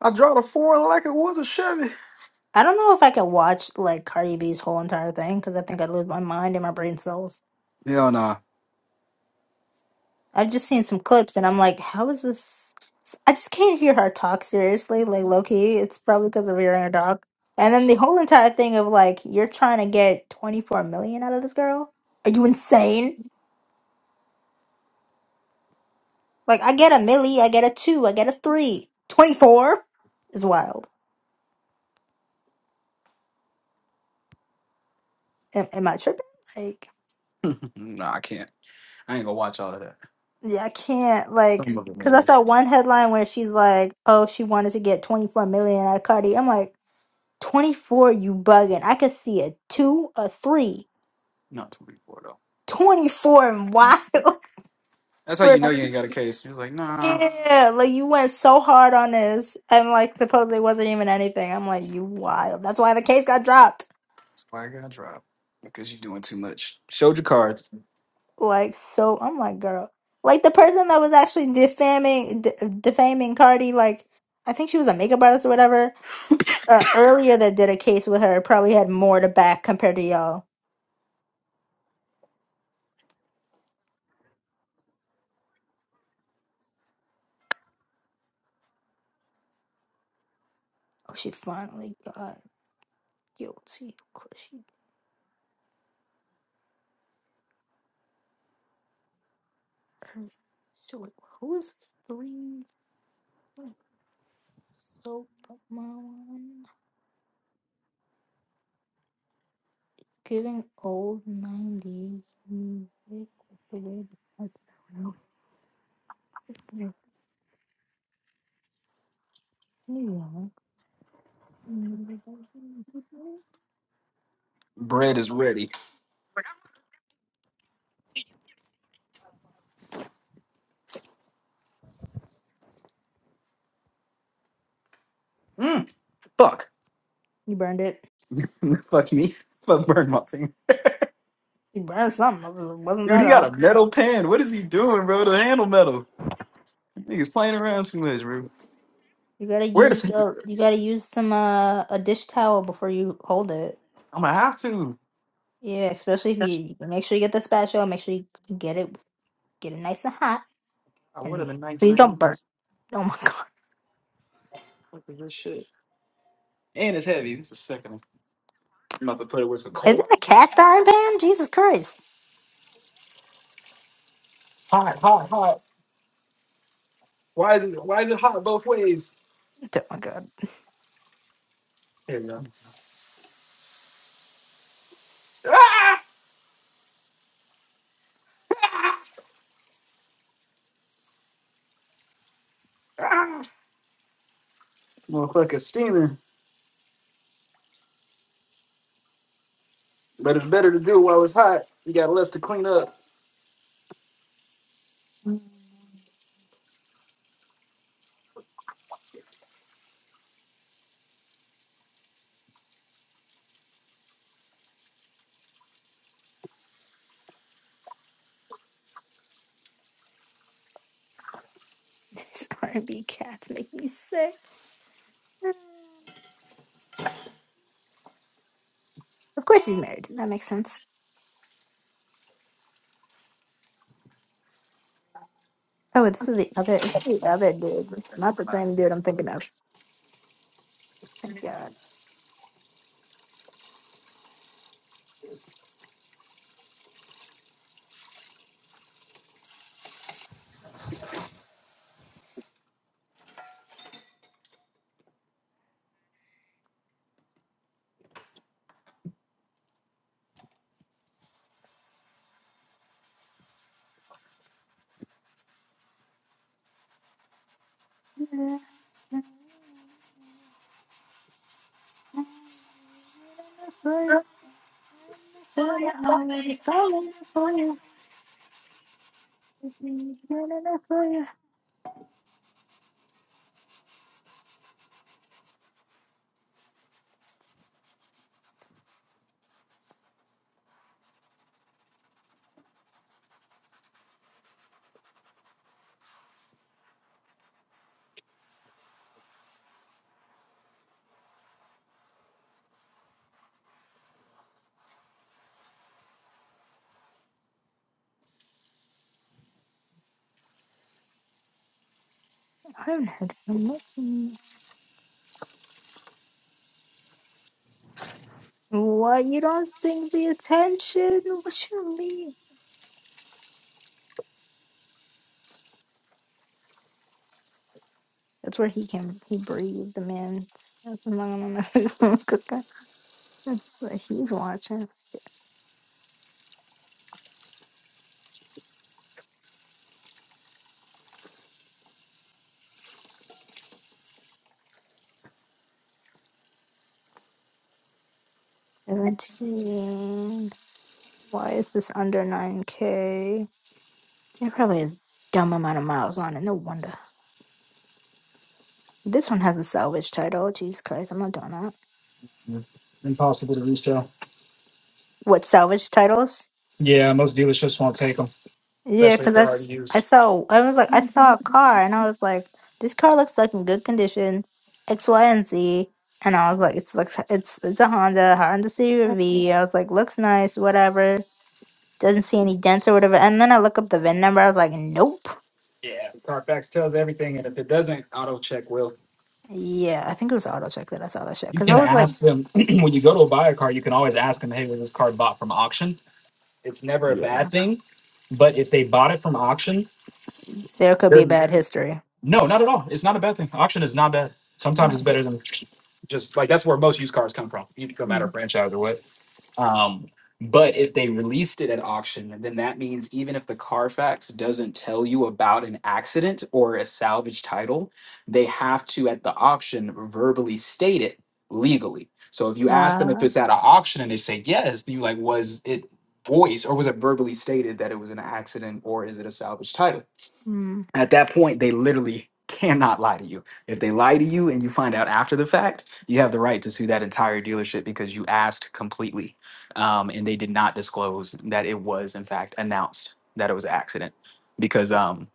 Speaker 2: I draw the foreign like it was a Chevy.
Speaker 1: I don't know if I could watch like Cardi B's whole entire thing because I think I'd lose my mind and my brain cells.
Speaker 2: Hell nah.
Speaker 1: I've just seen some clips and I'm like, how is this? I just can't hear her talk seriously, like low key. It's probably because of hearing her dog. And then the whole entire thing of like, you're trying to get 24 million out of this girl? Are you insane? Like, I get a milli, I get a two, I get a three. 24 is wild. Am, am I tripping? Like,
Speaker 2: nah, I can't. I ain't gonna watch all of that.
Speaker 1: yeah, I can't. Like,
Speaker 2: Some of it
Speaker 1: because I
Speaker 2: maybe.
Speaker 1: saw one headline where she's like, oh, she wanted to get 24 million out of Cardi. I'm like, 24, you bugging. I could see a two, a three.
Speaker 2: Not too before though.
Speaker 1: 24 and wild.
Speaker 2: That's how
Speaker 1: For-
Speaker 2: you know you ain't got a case. He was like, nah,
Speaker 1: yeah, like you went so hard on this, and like supposedly wasn't even anything. I'm like, you wild. That's why the case got dropped.
Speaker 2: that's why I got to drop. Because you're doing too much. Showed your cards.
Speaker 1: Like, so I'm like, girl, like the person that was actually defaming, d- defaming Cardi, like I think she was a makeup artist or whatever. Uh, earlier, that did a case with her probably had more to back compared to y'all. Oh, she finally got guilty. Of course she. Her, So wait, who is this three? So pop my one. Giving old nineties music with the way the type of music was new, young.
Speaker 2: Bread is ready. Mm, fuck.
Speaker 1: You burned it.
Speaker 2: fuck me. Fuck burn my finger.
Speaker 1: You burned something. It was- Wasn't
Speaker 2: Dude, he
Speaker 1: that
Speaker 2: got a
Speaker 1: off.
Speaker 2: metal pen. What is he doing, bro? The handle metal. Niggas playing around too much, bro.
Speaker 1: You gotta
Speaker 2: Where does
Speaker 1: use
Speaker 2: he?
Speaker 1: the. You gotta use some uh a dish towel before you hold it.
Speaker 2: I'm gonna have to.
Speaker 1: Yeah, especially if you you can make sure you get the spatula. Make sure you get it get it nice and hot,
Speaker 2: I would
Speaker 1: and
Speaker 2: have the
Speaker 1: please don't
Speaker 2: 1980s.
Speaker 1: burn. Oh my god!
Speaker 2: Look at this shit. And it's heavy. This is sickening. I'm about to put it with some
Speaker 1: Is
Speaker 2: cold.
Speaker 1: it a cast iron pan? Jesus Christ!
Speaker 2: Hot, hot, hot. Why is it? Why is it hot both ways?
Speaker 1: Oh my god!
Speaker 2: Here we go. Ah! Ah! Motherfucker steaming. But it's better to do while it's hot. You got less to clean up.
Speaker 1: These R&B cats make me sick. Of course he's married. That makes sense. Oh, this is the other, it's the other dude. It's not the same dude I'm thinking of. Thank God. Why you don't sing the attention? What you mean? That's where he can he breathed the man. That's That's what he's watching. Seventeen. Why is this under nine k? They probably have a dumb amount of miles on it. No wonder. This one has a salvage title. Jesus Christ, I'm not doing that.
Speaker 2: Impossible to resell.
Speaker 1: What salvage titles?
Speaker 2: Yeah, most dealerships won't take them,
Speaker 1: Yeah,
Speaker 2: especially if
Speaker 1: because I,
Speaker 2: they're already
Speaker 1: s- I
Speaker 2: used.
Speaker 1: saw, I was like, I saw a car and I was like, this car looks like in good condition, X, Y, and Z. And I was like, it's like, it's, it's a Honda, Honda CUV. I was like, looks nice, whatever. Doesn't see any dents or whatever. And then I look up the VIN number. I was like, nope.
Speaker 2: Yeah, Carfax tells everything, and if it doesn't, auto check will.
Speaker 1: Yeah, I think it was AutoCheck that I saw that shit.
Speaker 2: You
Speaker 1: Because I
Speaker 2: can
Speaker 1: was like,
Speaker 2: ask them when you go to buy a car. You can always ask them, "Hey, was this car bought from auction?" It's never a
Speaker 1: yeah,
Speaker 2: bad thing, but if they bought it from auction,
Speaker 1: there could be
Speaker 2: they're
Speaker 1: bad history.
Speaker 2: no, not at all. It's not a bad thing. Auction is not bad. Sometimes
Speaker 1: Uh,
Speaker 2: it's better than just like that's where most used cars come from. You no matter
Speaker 1: mm,
Speaker 2: franchise or what. Um, but if they released it at auction, then that means even if the Carfax doesn't tell you about an accident or a salvage title, they have to at the auction verbally state it legally. So if you ask them if
Speaker 1: uh,
Speaker 2: it's at an auction and they say yes, then you like, was it voice or was it verbally stated that it was an accident or is it a salvage title?
Speaker 1: mm.
Speaker 2: at that point they literally cannot lie to you if they lie to you and you find out after the fact you have the right to sue that entire dealership because you asked completely um, and they did not disclose that it was in fact announced that it was an accident because um,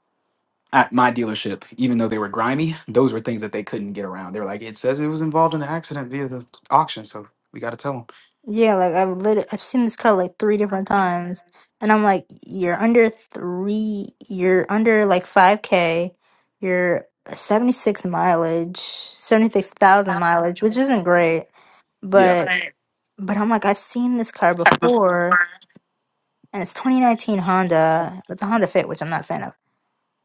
Speaker 2: at my dealership even though they were grimy those were things that they couldn't get around they were like it says it was involved in an accident via the auction so we got to tell them
Speaker 1: Yeah, like I've lit I've seen this cut like three different times, and I'm like, you're under three, you're under like 5K, you're 76 mileage, 76,000 mileage, which isn't great,
Speaker 2: yeah
Speaker 1: but but I'm like, I've seen this car before, and it's 2019 Honda, it's a Honda Fit, which I'm not a fan of.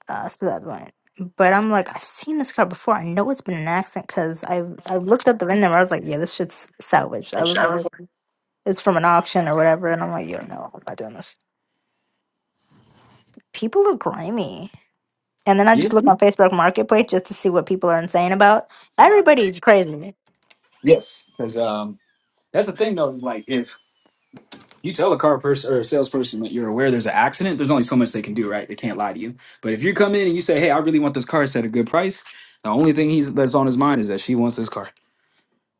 Speaker 1: Uh, that's beside the point. But I'm like, I've seen this car before. I know it's been an accident because I I looked at the VIN number. I was like, yeah, this shit's salvaged. I was worried it's from an auction or whatever. And I'm like, you know, I'm not doing this. People are grimy. And then I
Speaker 2: yeah
Speaker 1: just look on Facebook Marketplace just to see what people are insane about. Everybody's crazy.
Speaker 2: yes because um, that's the thing though like if you tell a car person or a salesperson that you're aware there's an accident, there's only so much they can do, right? They can't lie to you. But if you come in and you say, "Hey, I really want this car. It's at a good price," the only thing he's that's on his mind is that she wants this car.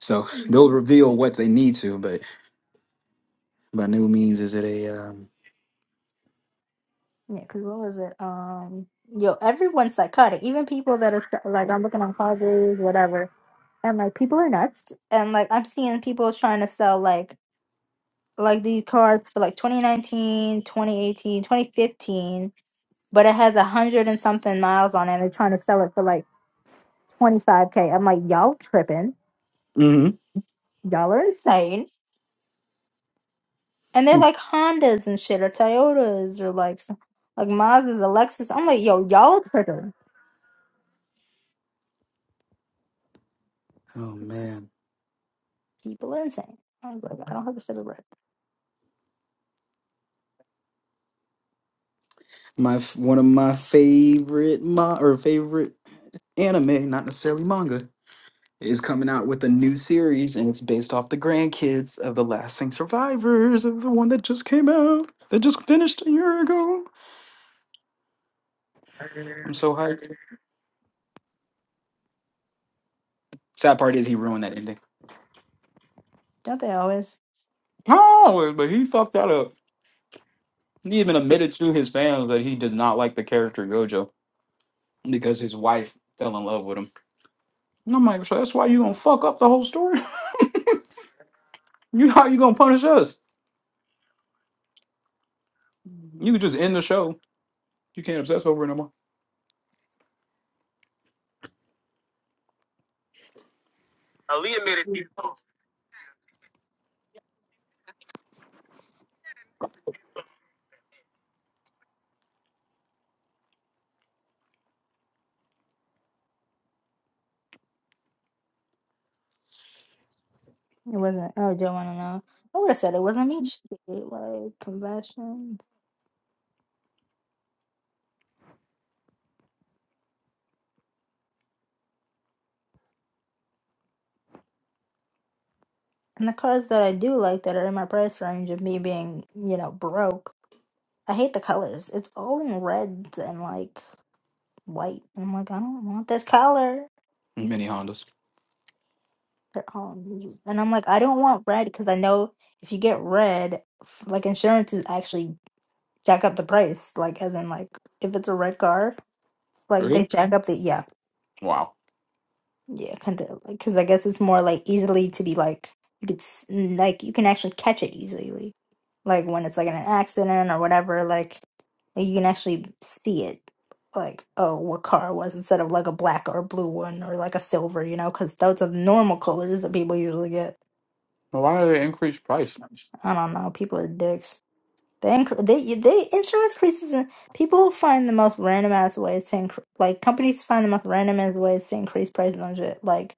Speaker 2: So
Speaker 1: Yeah,
Speaker 2: they'll reveal what they need to, but by no means is it a. Um,
Speaker 1: because what was it? Um, yo, everyone's psychotic. Even people that are like, I'm looking on Padres, whatever, and like people are nuts. And like I'm seeing people trying to sell like like these cards for like 2019, 2018, 2015, but it has a hundred and something miles on it. and They're trying to sell it for like 25k. I'm like, y'all tripping.
Speaker 2: hmm
Speaker 1: y'all are insane. And they're like Hondas and shit, or Toyotas, or like some, like Mazdas, Alexis. I'm like, yo, y'all are tripping.
Speaker 2: Oh man,
Speaker 1: People are insane. I was like, I don't have to say the word.
Speaker 2: my f- one of my favorite mo- or favorite anime, not necessarily manga. is coming out with a new series, and it's based off the grandkids of the lasting survivors of the one that just came out, that just finished a year ago. I'm so hyped. Sad part is he ruined that ending.
Speaker 1: Don't they always?
Speaker 2: Oh, but he fucked that up. He even admitted to his fans that he does not like the character Gojo because his wife fell in love with him. And I'm like, so that's why you gonna fuck up the whole story? You how you gonna punish us? You could just end the show. You can't obsess over it no more.
Speaker 1: It wasn't. Oh, don't want to know. I would have said it wasn't me. Shit, like confessions. And the cars that I do like that are in my price range of me being, you know, broke. I hate the colors. It's all in reds and like white. And I'm like, I don't want this color.
Speaker 2: Mini Hondas.
Speaker 1: they're all new. And I'm like, I don't want red because I know if you get red, f- like insurance is actually jack up the price. Like as in like if it's a red car, like
Speaker 2: Really?
Speaker 1: they jack up the yeah,
Speaker 2: Wow.
Speaker 1: yeah, kind of like because I guess it's more like easily to be like you could s- like you can actually catch it easily, like when it's like in an accident or whatever. Like like, you can actually see it. Like, oh, what car it was instead of like a black or a blue one or like a silver, you know, because those are the normal colors that people usually get. I don't know. People are dicks. They inc- they they insurance increases. In, people find the most random ass ways to incre- like companies find the most random ass ways to increase prices on shit. Like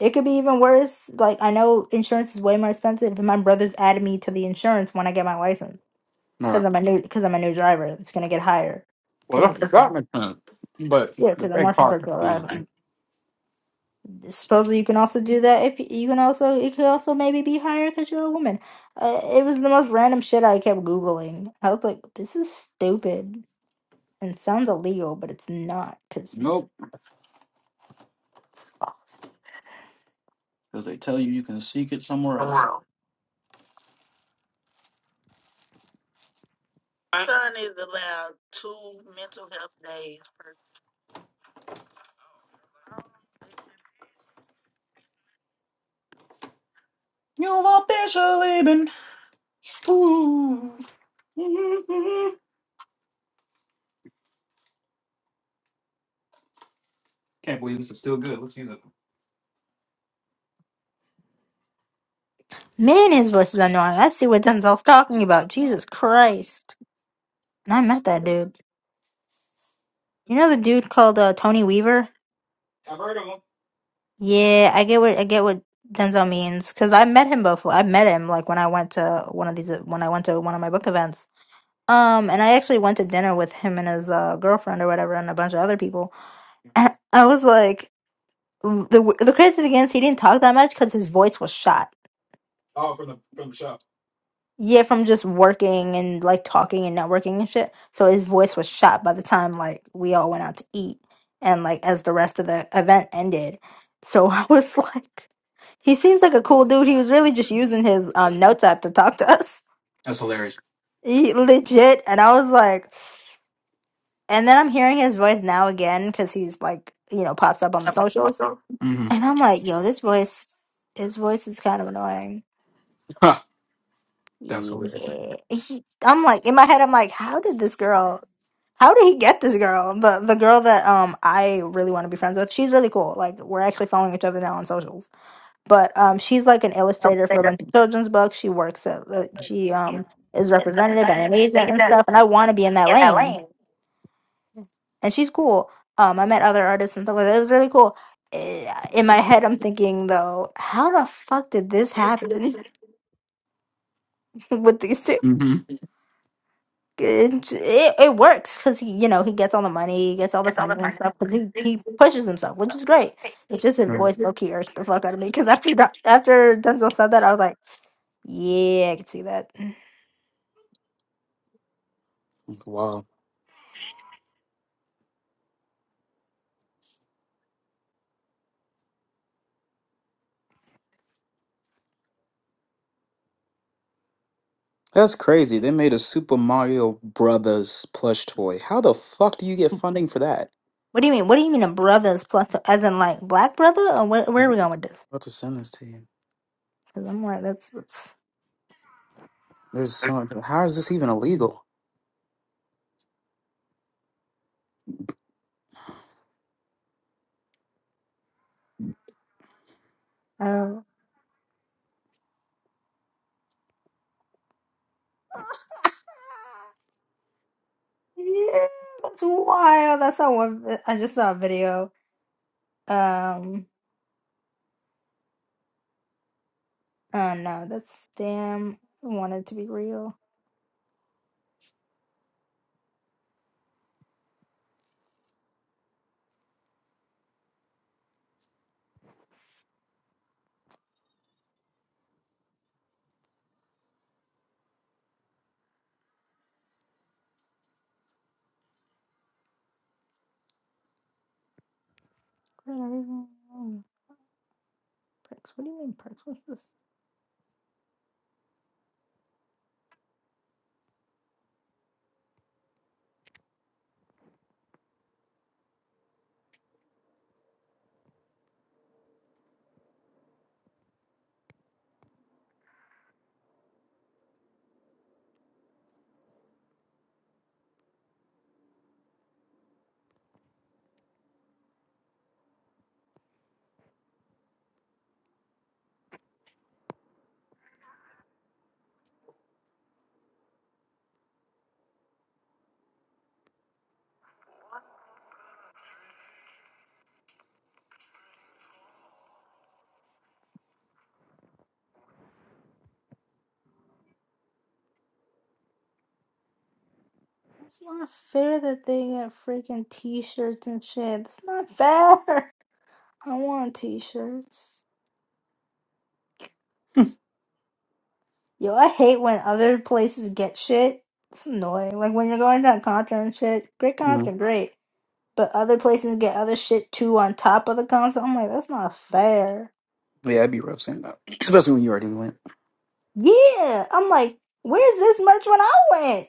Speaker 1: it could be even worse. Like I know insurance is way more expensive. But my brother's added me to the insurance when I get my license
Speaker 2: All right.
Speaker 1: because I'm a new because I'm a new driver. It's gonna get higher
Speaker 2: Well,
Speaker 1: because
Speaker 2: that's the
Speaker 1: you know
Speaker 2: government term, but
Speaker 1: yeah
Speaker 2: the
Speaker 1: because I'm more
Speaker 2: big part of me,
Speaker 1: susceptible.
Speaker 2: man.
Speaker 1: supposedly you can also do that if you can also it could also maybe be higher because you're a woman uh, it was the most random shit i kept googling i was like this is stupid and sounds illegal but it's not because it's,
Speaker 2: Nope,
Speaker 1: it's all stupid
Speaker 2: because they tell you you can seek it somewhere else. You've officially been. Can't believe this is still good. Let's use it.
Speaker 1: man his voice is annoying i see what denzel's talking about jesus christ and i met that dude you know the dude called uh, tony weaver yeah i get what i get what denzel means because i met him before i met him like when i went to one of these when i went to one of my book events Um, and I actually went to dinner with him and his uh, girlfriend or whatever, and a bunch of other people. And I was like, the the crazy thing is he didn't talk that much because his voice was shot. Yeah, from just working and like talking and networking and shit. So his voice was shot by the time like we all went out to eat and like as the rest of the event ended. So I was like, he seems like a cool dude. He was really just using his um, notes app to talk to us. He, legit. And I was like. And then I'm hearing his voice now again because he's like, you know, pops up on the socials.
Speaker 2: Mm-hmm.
Speaker 1: And I'm like, yo, this voice, his voice is kind of annoying.
Speaker 2: Ha, That's hilarious.
Speaker 1: Yeah. He, I'm like, in my head, I'm like, how did this girl, how did he get this girl? The the girl that um I really want to be friends with. She's really cool. Like we're actually following each other now on socials. But um, she's like an illustrator for a bunch of children's books. She works at, uh, she um is represented by an agent and stuff. And I want to be in that lane and she's cool. Um, I met other artists and stuff like that. It was really cool. Eh, In my head, I'm thinking though, how the fuck did this happen with these two?
Speaker 2: Mm-hmm.
Speaker 1: It, it, it works because he, you know, he gets all the money, he gets all the funding and stuff because he, he pushes himself, which is great. It's just his voice low key irked the fuck out of me because after Don- after Denzel said that, I was like, yeah, I can see that.
Speaker 2: Wow. That's crazy. They made a Super Mario Brothers plush toy. How the fuck do you get funding for that?
Speaker 1: What do you mean? What do you mean a brother's plus as in like black brother? Or where, where are we going with this?
Speaker 2: I'll have to send this to you.
Speaker 1: Because I'm like, that's that's.
Speaker 2: There's so how is this even illegal?
Speaker 1: I don't know. Yeah, that's wild. That's saw one. vi- I just saw a video. Um, uh, no, that's damn. I want it to be real. But everyone- oh, Perks. What do you mean perks? What's this? It's not fair that they get freaking t-shirts and shit. It's not fair. I want t-shirts. Yo, I hate when other places get shit. It's annoying. Like when you're going to a concert and shit. Great
Speaker 2: hmm
Speaker 1: concert, great. But other places get other shit too on top of the concert. I'm like, that's not fair.
Speaker 2: Yeah, I'd be rough saying that. Especially when you already went.
Speaker 1: Yeah, I'm like, where's this merch when I went?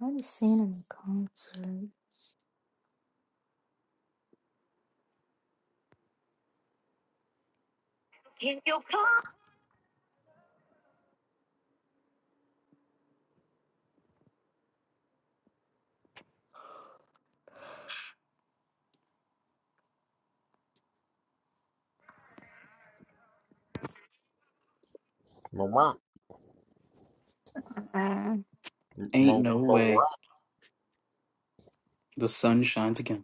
Speaker 1: I haven't seen him in concerts.
Speaker 3: Marat,
Speaker 1: Uh,
Speaker 2: Ain't
Speaker 3: Mar-
Speaker 2: no way.
Speaker 3: Marat,
Speaker 2: The sun shines again.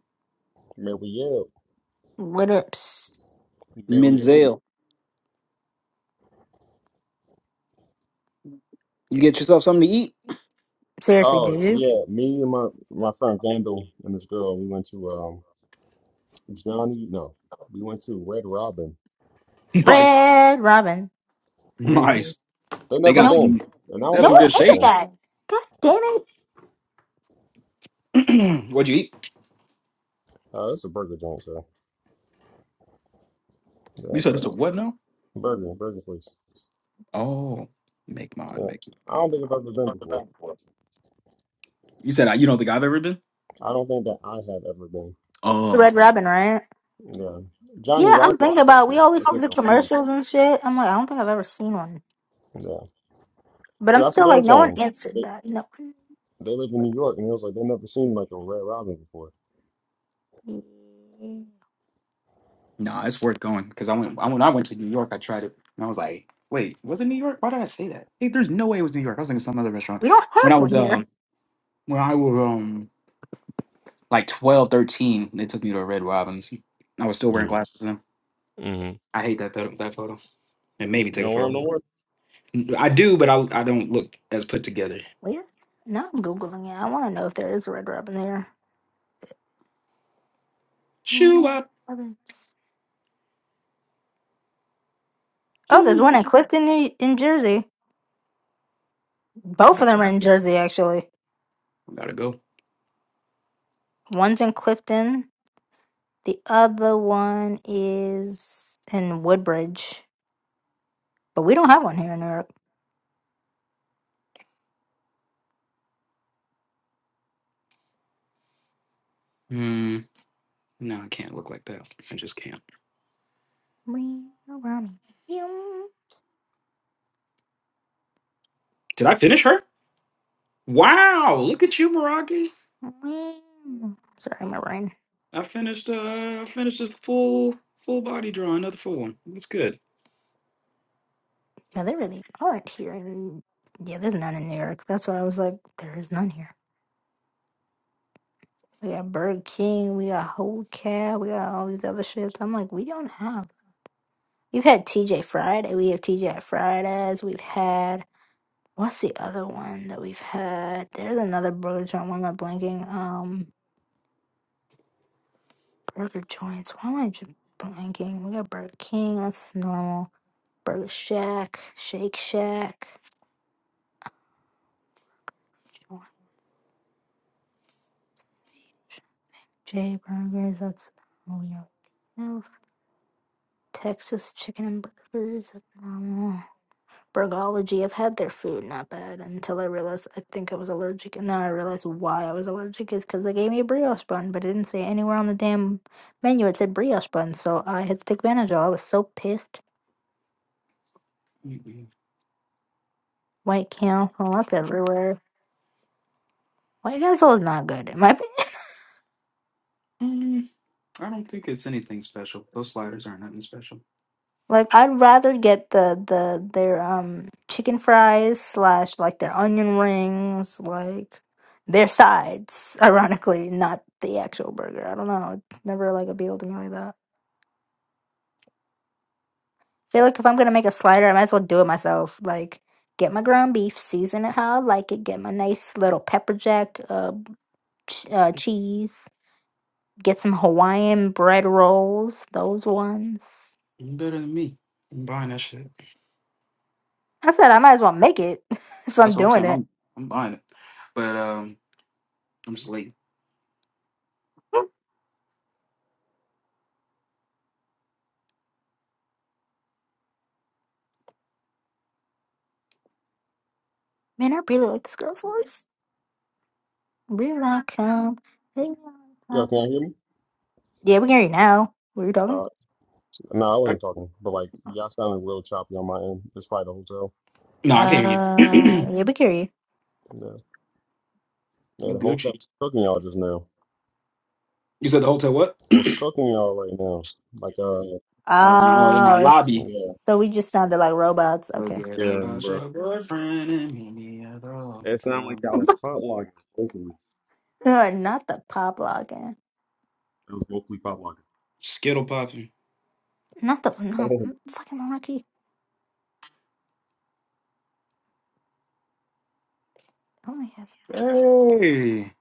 Speaker 3: Mary L,
Speaker 1: what ups?
Speaker 3: Mary Mary.
Speaker 2: Menzel, you get yourself something to eat.
Speaker 1: Seriously,
Speaker 3: Oh
Speaker 1: did you?
Speaker 3: yeah, me and my my friend Vandal and this girl, we went to um Johnny. No, we went to Red Robin.
Speaker 2: Nice,
Speaker 1: Red Robin.
Speaker 3: Mm-hmm.
Speaker 2: nice.
Speaker 3: They
Speaker 2: They
Speaker 3: never
Speaker 2: got
Speaker 1: Nope.
Speaker 3: been,
Speaker 2: some.
Speaker 3: and I
Speaker 2: They
Speaker 3: don't
Speaker 2: got
Speaker 1: No
Speaker 3: think
Speaker 2: some
Speaker 1: one
Speaker 3: I've
Speaker 2: good
Speaker 3: ever
Speaker 1: ended
Speaker 3: been.
Speaker 2: shakes.
Speaker 1: that. God damn it.
Speaker 2: What'd you eat?
Speaker 3: Uh, it's a burger joint, so
Speaker 2: You
Speaker 3: yeah,
Speaker 2: said it's
Speaker 3: but
Speaker 2: a what now?
Speaker 3: burger, burger place.
Speaker 2: Oh, make my
Speaker 3: Yeah,
Speaker 2: make.
Speaker 3: I don't think I've ever been before.
Speaker 2: You said I- you don't think I've ever been?
Speaker 3: I don't think that I have ever been.
Speaker 1: It's
Speaker 2: Oh,
Speaker 1: Red Robin, right?
Speaker 3: Yeah, Johnny
Speaker 1: Yeah, I'm
Speaker 3: Rocket. I
Speaker 1: thinking
Speaker 3: think
Speaker 1: about we
Speaker 3: too. I
Speaker 1: always see
Speaker 3: think
Speaker 1: the
Speaker 3: confused with
Speaker 1: commercials and shit. I'm like, I don't think I've ever seen one.
Speaker 3: that. Yeah,
Speaker 1: But
Speaker 3: so
Speaker 1: I'm
Speaker 3: that's what
Speaker 1: still
Speaker 3: they were
Speaker 1: like, no one
Speaker 3: saying.
Speaker 1: answered that. No one.
Speaker 3: They live in New York, and it was like they never seen like a Red Robin before.
Speaker 2: nah, it's worth going because I went. I when I went to New York, I tried it and I was like, wait, was it New York? Why did I say that? Hey, there's no way it was New York. I was thinking some other restaurant.
Speaker 1: We don't
Speaker 2: When
Speaker 1: have
Speaker 2: I was
Speaker 1: one here.
Speaker 2: um, when I was um, like 12, 13, they took me to a Red Robin's. I was still wearing
Speaker 3: Mm-hmm.
Speaker 2: glasses then.
Speaker 3: You
Speaker 2: I hate that photo. That photo. And made me take a
Speaker 3: don't wear them
Speaker 2: photo.
Speaker 3: no more?
Speaker 2: I do, but I I don't look as put together.
Speaker 1: Where? Now I'm Googling it. I want to know if there is a Red Robin there.
Speaker 2: Shoo
Speaker 1: Name
Speaker 2: up.
Speaker 1: Robin. Oh, there's one in Clifton, New- in Jersey. Both of them are in Jersey, actually.
Speaker 2: I gotta go.
Speaker 1: One's in Clifton. The other one is in Woodbridge. But we don't have one here in New York.
Speaker 2: Mm, no, I can't look like that. I just can't.
Speaker 1: We are running. Yum,
Speaker 2: Did I finish her? Wow, look at you, Meraki.
Speaker 1: yum. Sorry, my brain.
Speaker 2: I finished uh I finished a full full body drawing, another full one. That's good.
Speaker 1: No, they really aren't here. In, yeah, there's none in New York. That's why I was like, there is none here. We got Burger King. We got Whole Cat. We got all these other shits. I'm like, we don't have. We've had TJ Friday. We have TJ Fridays. We've had What's the other one that we've had? There's another burger joint. Why am I blanking? Um, burger joints. Why am I j- blanking? We got Burger King. That's normal. Burger Shack, Shake Shack, J Burgers. That's all we have. Texas Chicken and Burgers. That's normal. Burgology. I've had their food, not bad, until I realized I think I was allergic, and then I realized why I was allergic is because they gave me a brioche bun, but it didn't say anywhere on the damn menu it said brioche bun, so I had to take Benadryl. I was so pissed. White kale, well, that's everywhere. White castle is not good, in my opinion.
Speaker 2: Mm, I don't think it's anything special. Those sliders aren't nothing special.
Speaker 1: Like I'd rather get the the their um chicken fries slash like their onion rings, like their sides. Ironically, not the actual burger. I don't know. It's never like appealed to me like that. feel like if I'm gonna make a slider, I might as well do it myself. Like get my ground beef, season it how I like it, get my nice little pepper jack uh, ch- uh cheese, get some Hawaiian bread rolls, those ones.
Speaker 2: You're better than me. I'm buying that shit.
Speaker 1: I said I might as well make it if
Speaker 2: That's
Speaker 1: I'm
Speaker 2: what I'm
Speaker 1: doing
Speaker 2: saying.
Speaker 1: it.
Speaker 2: I'm I'm buying it. But um I'm just late.
Speaker 1: Man, I really like this girl's voice. Real come. Yeah,
Speaker 3: Yeah, can y'all hear me?
Speaker 1: we can hear you now. What are you talking?
Speaker 3: Uh, no, I
Speaker 2: I,
Speaker 3: wasn't talking, but like y'all sounded real choppy on my end. It's probably the hotel.
Speaker 2: no, I can't hear you.
Speaker 1: Uh, yeah, we can hear you.
Speaker 3: Yeah, yeah,
Speaker 2: you
Speaker 3: the
Speaker 2: Gucci.
Speaker 3: hotel cooking y'all just now.
Speaker 2: You said the hotel what?
Speaker 3: What's cooking y'all right now? Like, uh,
Speaker 2: Oh, no, in
Speaker 1: Oh,
Speaker 2: that lobby.
Speaker 1: it's-
Speaker 3: yeah,
Speaker 1: so we just sounded like robots. Okay.
Speaker 2: Forget
Speaker 3: Yeah,
Speaker 2: about
Speaker 3: bro.
Speaker 2: your boyfriend and meet me at the
Speaker 3: It sounded like
Speaker 2: hotel.
Speaker 3: y'all was pop locking. vocally.
Speaker 1: Uh, not the pop login.
Speaker 3: it was vocally pop
Speaker 2: Skittle popping.
Speaker 1: Not the not
Speaker 3: locking.
Speaker 1: mm, fucking monarchy. Only has nice.
Speaker 2: Hey,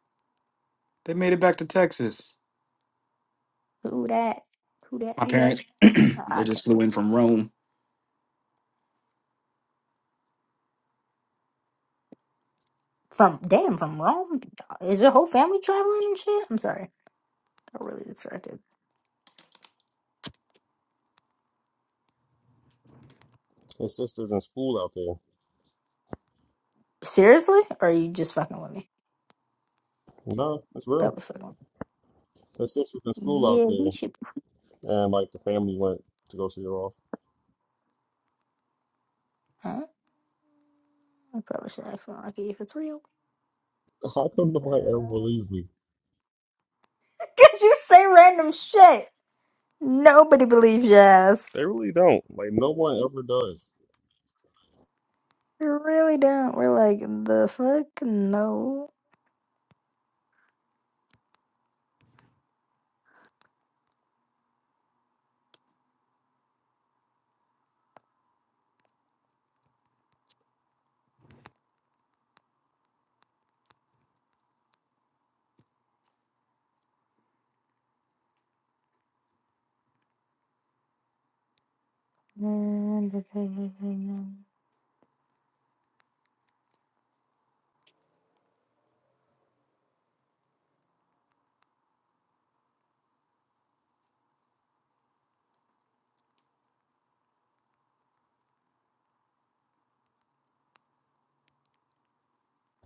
Speaker 2: they made it back to Texas.
Speaker 1: Who that? Who that?
Speaker 2: My
Speaker 1: Who that?
Speaker 2: parents,
Speaker 1: Uh,
Speaker 2: they
Speaker 1: okay.
Speaker 2: just flew in from Rome.
Speaker 1: From damn from Rome. Is your whole family traveling and shit? I'm sorry. Got really distracted.
Speaker 3: His sister's in school out there.
Speaker 1: Seriously? Or are you just fucking with me?
Speaker 3: No, it's real.
Speaker 1: Probably fucking. with me.
Speaker 3: His sister's in school out
Speaker 1: Yeah, we
Speaker 3: there,
Speaker 1: should.
Speaker 3: and like the family went to go see her off.
Speaker 1: Huh? I probably should ask monarchy if it's real.
Speaker 3: How come nobody ever
Speaker 1: Uh,
Speaker 3: believes me?
Speaker 1: Cause you say random shit. Nobody believes your ass.
Speaker 3: They really don't. Like No one ever does.
Speaker 1: You really don't. We're like the fuck no.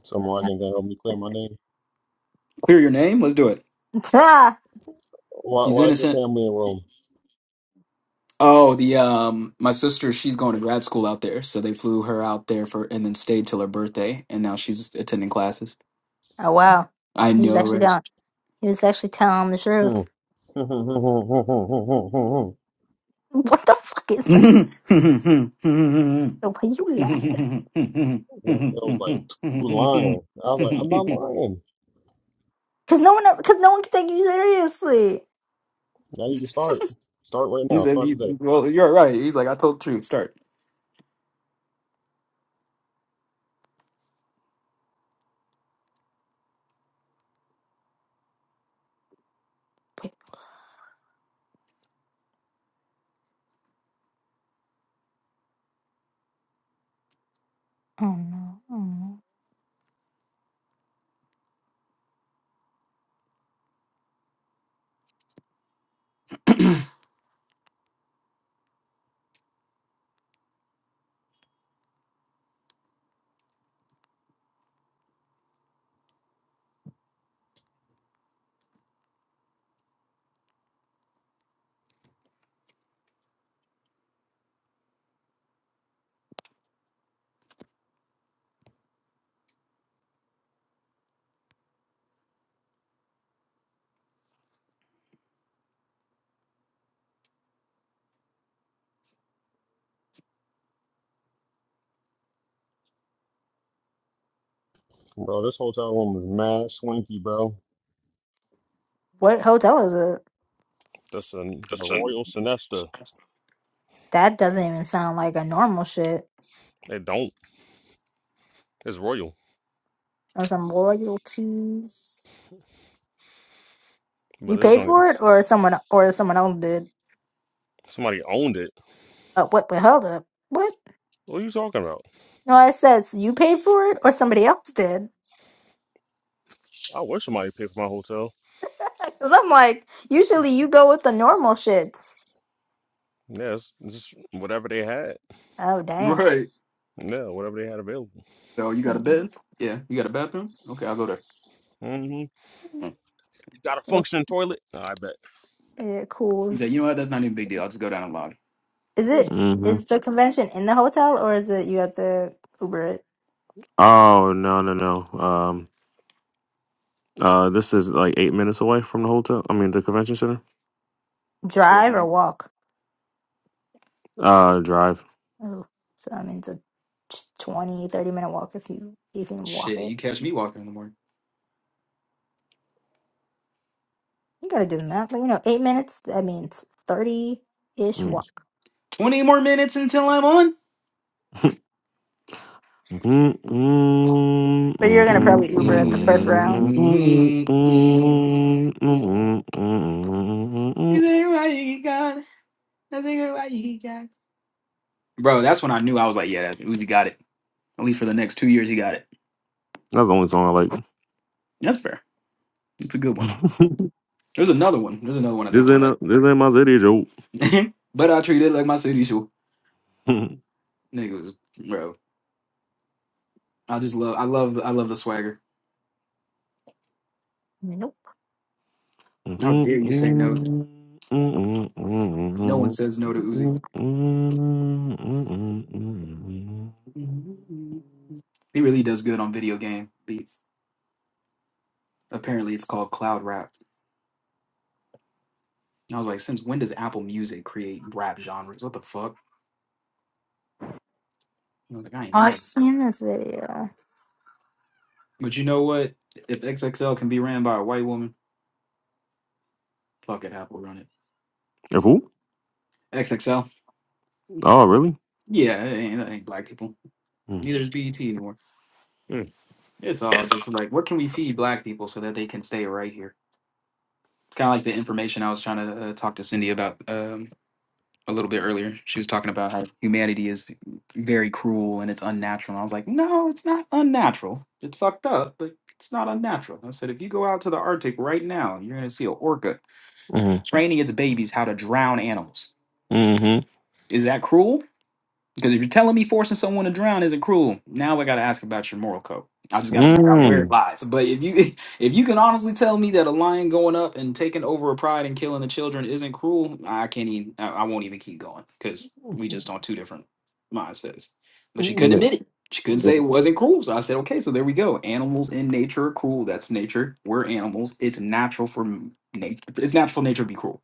Speaker 3: Someone can help me clear my name.
Speaker 2: Clear your name. Let's do it.
Speaker 1: Ah!
Speaker 3: Why,
Speaker 2: He's
Speaker 3: why is your
Speaker 2: innocent.
Speaker 3: family in Rome?
Speaker 2: Oh, the um, my sister, she's going to grad school out there, so they flew her out there for and then stayed till her birthday, and now she's attending classes.
Speaker 1: oh wow,
Speaker 2: I
Speaker 1: he was
Speaker 2: know,
Speaker 1: actually
Speaker 2: right?
Speaker 1: down. He was actually telling the
Speaker 3: Hmm.
Speaker 1: truth. What the fuck is that? The way you laughed,
Speaker 3: Man, I was like, you lying. I was like, I'm not lying.
Speaker 1: because no one, because no one can take you seriously.
Speaker 3: I need to start. Start right
Speaker 2: He
Speaker 3: now.
Speaker 2: said,
Speaker 3: Start
Speaker 2: you,
Speaker 3: today.
Speaker 2: "Well, you're right." He's like, "I told the truth." Start.
Speaker 1: Wait, Oh no. Oh no.
Speaker 3: Bro, this hotel room is mad swanky, bro.
Speaker 1: What hotel is it?
Speaker 3: that's an, the Royal Sinesta.
Speaker 1: That doesn't even sound like a normal shit.
Speaker 3: They don't. It's royal,
Speaker 1: Or some royalties.
Speaker 3: but
Speaker 1: You
Speaker 3: this
Speaker 1: paid
Speaker 3: joint
Speaker 1: for it
Speaker 3: is
Speaker 1: or someone or someone else did?
Speaker 3: somebody owned it.
Speaker 1: Uh, what the hell up? What?
Speaker 3: What are you talking about?
Speaker 1: No, I says you paid for it or somebody else did.
Speaker 3: I wish somebody paid for my hotel.
Speaker 1: Cause I'm like, usually you go with the normal shit.
Speaker 3: Yes, just whatever they had.
Speaker 1: Oh damn.
Speaker 2: Right.
Speaker 3: Yeah, whatever they had available.
Speaker 2: So you got a bed? Yeah. You got a bathroom? Okay, I'll go there.
Speaker 3: hmm
Speaker 2: Mm.
Speaker 3: Got a functioning
Speaker 1: What's
Speaker 3: toilet? I bet.
Speaker 1: yeah, cool.
Speaker 2: He's like,
Speaker 1: Is
Speaker 2: "You know what? That's not even a big deal. I'll just go down and log."
Speaker 1: is it
Speaker 3: hmm
Speaker 1: is the convention in the hotel or is it you have to Uber it?
Speaker 3: Oh no no no. Um. Uh. This is like eight minutes away from the hotel. I mean the convention center.
Speaker 2: There. he
Speaker 1: Drive or
Speaker 2: is.
Speaker 1: walk?
Speaker 3: Uh. Drive.
Speaker 1: Oh, so that means a just 20, 30 minute walk if you even walk
Speaker 2: Shit,
Speaker 1: it.
Speaker 2: you catch me walking in the morning.
Speaker 1: You gotta do the math, but you know, eight minutes, that means 30 ish
Speaker 3: Mm.
Speaker 1: walk.
Speaker 2: Twenty more minutes until I'm on.
Speaker 1: But you're gonna probably Uber at the first round.
Speaker 2: Mm-mm-mm-mm. Is that right? You got. it. Is that right? You got. Bro, that's when I knew I was like, "Yeah, Uzi got it." At least for the next two years, he got it.
Speaker 3: That's the only song I like.
Speaker 2: That's fair. It's a good one. There's another one. There's another one I
Speaker 3: this
Speaker 2: think you
Speaker 3: ain't
Speaker 2: like.
Speaker 3: a, this ain't my city, Joe.
Speaker 2: but I treat it like my city shoe. Niggas, bro. I just love I love I love the swagger.
Speaker 1: Nope.
Speaker 3: Of
Speaker 2: How
Speaker 3: who?
Speaker 2: dare you say no? No one says no to Uzi. He really does good on video game beats. Apparently, it's called cloud rap. And I was like, since when does Apple Music create rap genres? What the fuck? And I was like, I ain't
Speaker 1: Oh, I've
Speaker 2: never.
Speaker 1: seen this video.
Speaker 2: But you know what? If XXL can be ran by a white woman, fuck it, Apple run it. XXL,
Speaker 3: Oh, really?
Speaker 2: yeah, it ain't, it ain't black people.
Speaker 3: Mm.
Speaker 2: Neither is BET anymore.
Speaker 3: Mm.
Speaker 2: It's all just like, what can we feed black people so that they can stay right here? It's kind of like the information I was trying to uh, talk to Cindy about um, a little bit earlier. She was talking about how humanity is very cruel and it's unnatural. And I was like, no, it's not unnatural. It's fucked up, but it's not unnatural. I said, if you go out to the Arctic right now, you're going to see an orca training its babies how to drown animals.
Speaker 3: Mm-hmm.
Speaker 2: Is that cruel? Because if you're telling me forcing someone to drown isn't cruel, now I got to ask about your moral code. I just got to figure out where it
Speaker 3: Mm.
Speaker 2: lies. But if you if you can honestly tell me that a lion going up and taking over a pride and killing the children isn't cruel, I can't even. I, I won't even keep going because we just on two different mindsets. But she couldn't
Speaker 3: Yeah.
Speaker 2: admit it. She couldn't
Speaker 3: Yeah.
Speaker 2: say it wasn't cruel. So I said, okay, so there we go. Animals in nature are cruel. That's nature. We're animals. It's natural for nature. It's natural for nature to be cruel.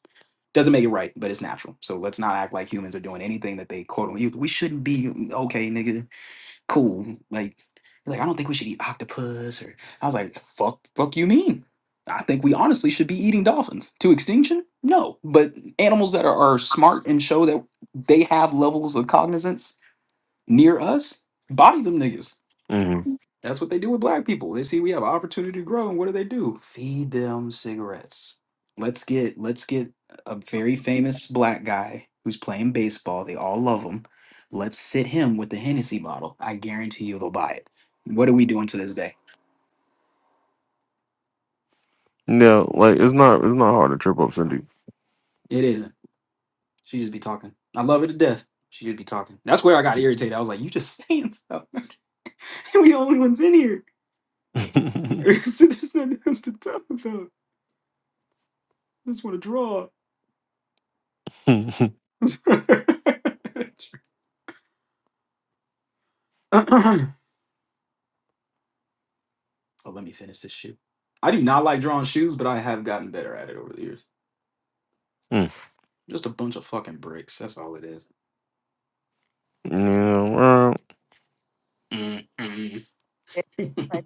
Speaker 2: Doesn't make it right, but it's natural. So let's not act like humans are doing anything that they quote unquote We shouldn't be okay, nigga. Cool. Like, like I don't think we should eat octopus. Or I was like, fuck, fuck you mean? I think we honestly should be eating dolphins to extinction. No, but animals that are, are smart and show that they have levels of cognizance near us, body them niggas.
Speaker 3: Mm.
Speaker 2: That's what they do with black people. They see we have an opportunity to grow, and what do they do? Feed them cigarettes. Let's get let's get a very famous black guy who's playing baseball. They all love him. Let's sit him with the Hennessy bottle. I guarantee you they'll buy it. What are we doing to this day?
Speaker 3: Yeah, like it's not it's not hard to trip up Cindy.
Speaker 2: It isn't. She just be talking. I love her to death. She just be talking. That's where I got irritated. I was like, you just saying stuff. we the only ones in here. There's nothing else to talk about. I just want to draw. But let me finish this shoe. I do not like drawing shoes, but I have gotten better at it over the years.
Speaker 3: Mm.
Speaker 2: Just a bunch of fucking bricks. That's all it is.
Speaker 3: yeah, well,
Speaker 2: Mm-mm. And
Speaker 1: It- It's like,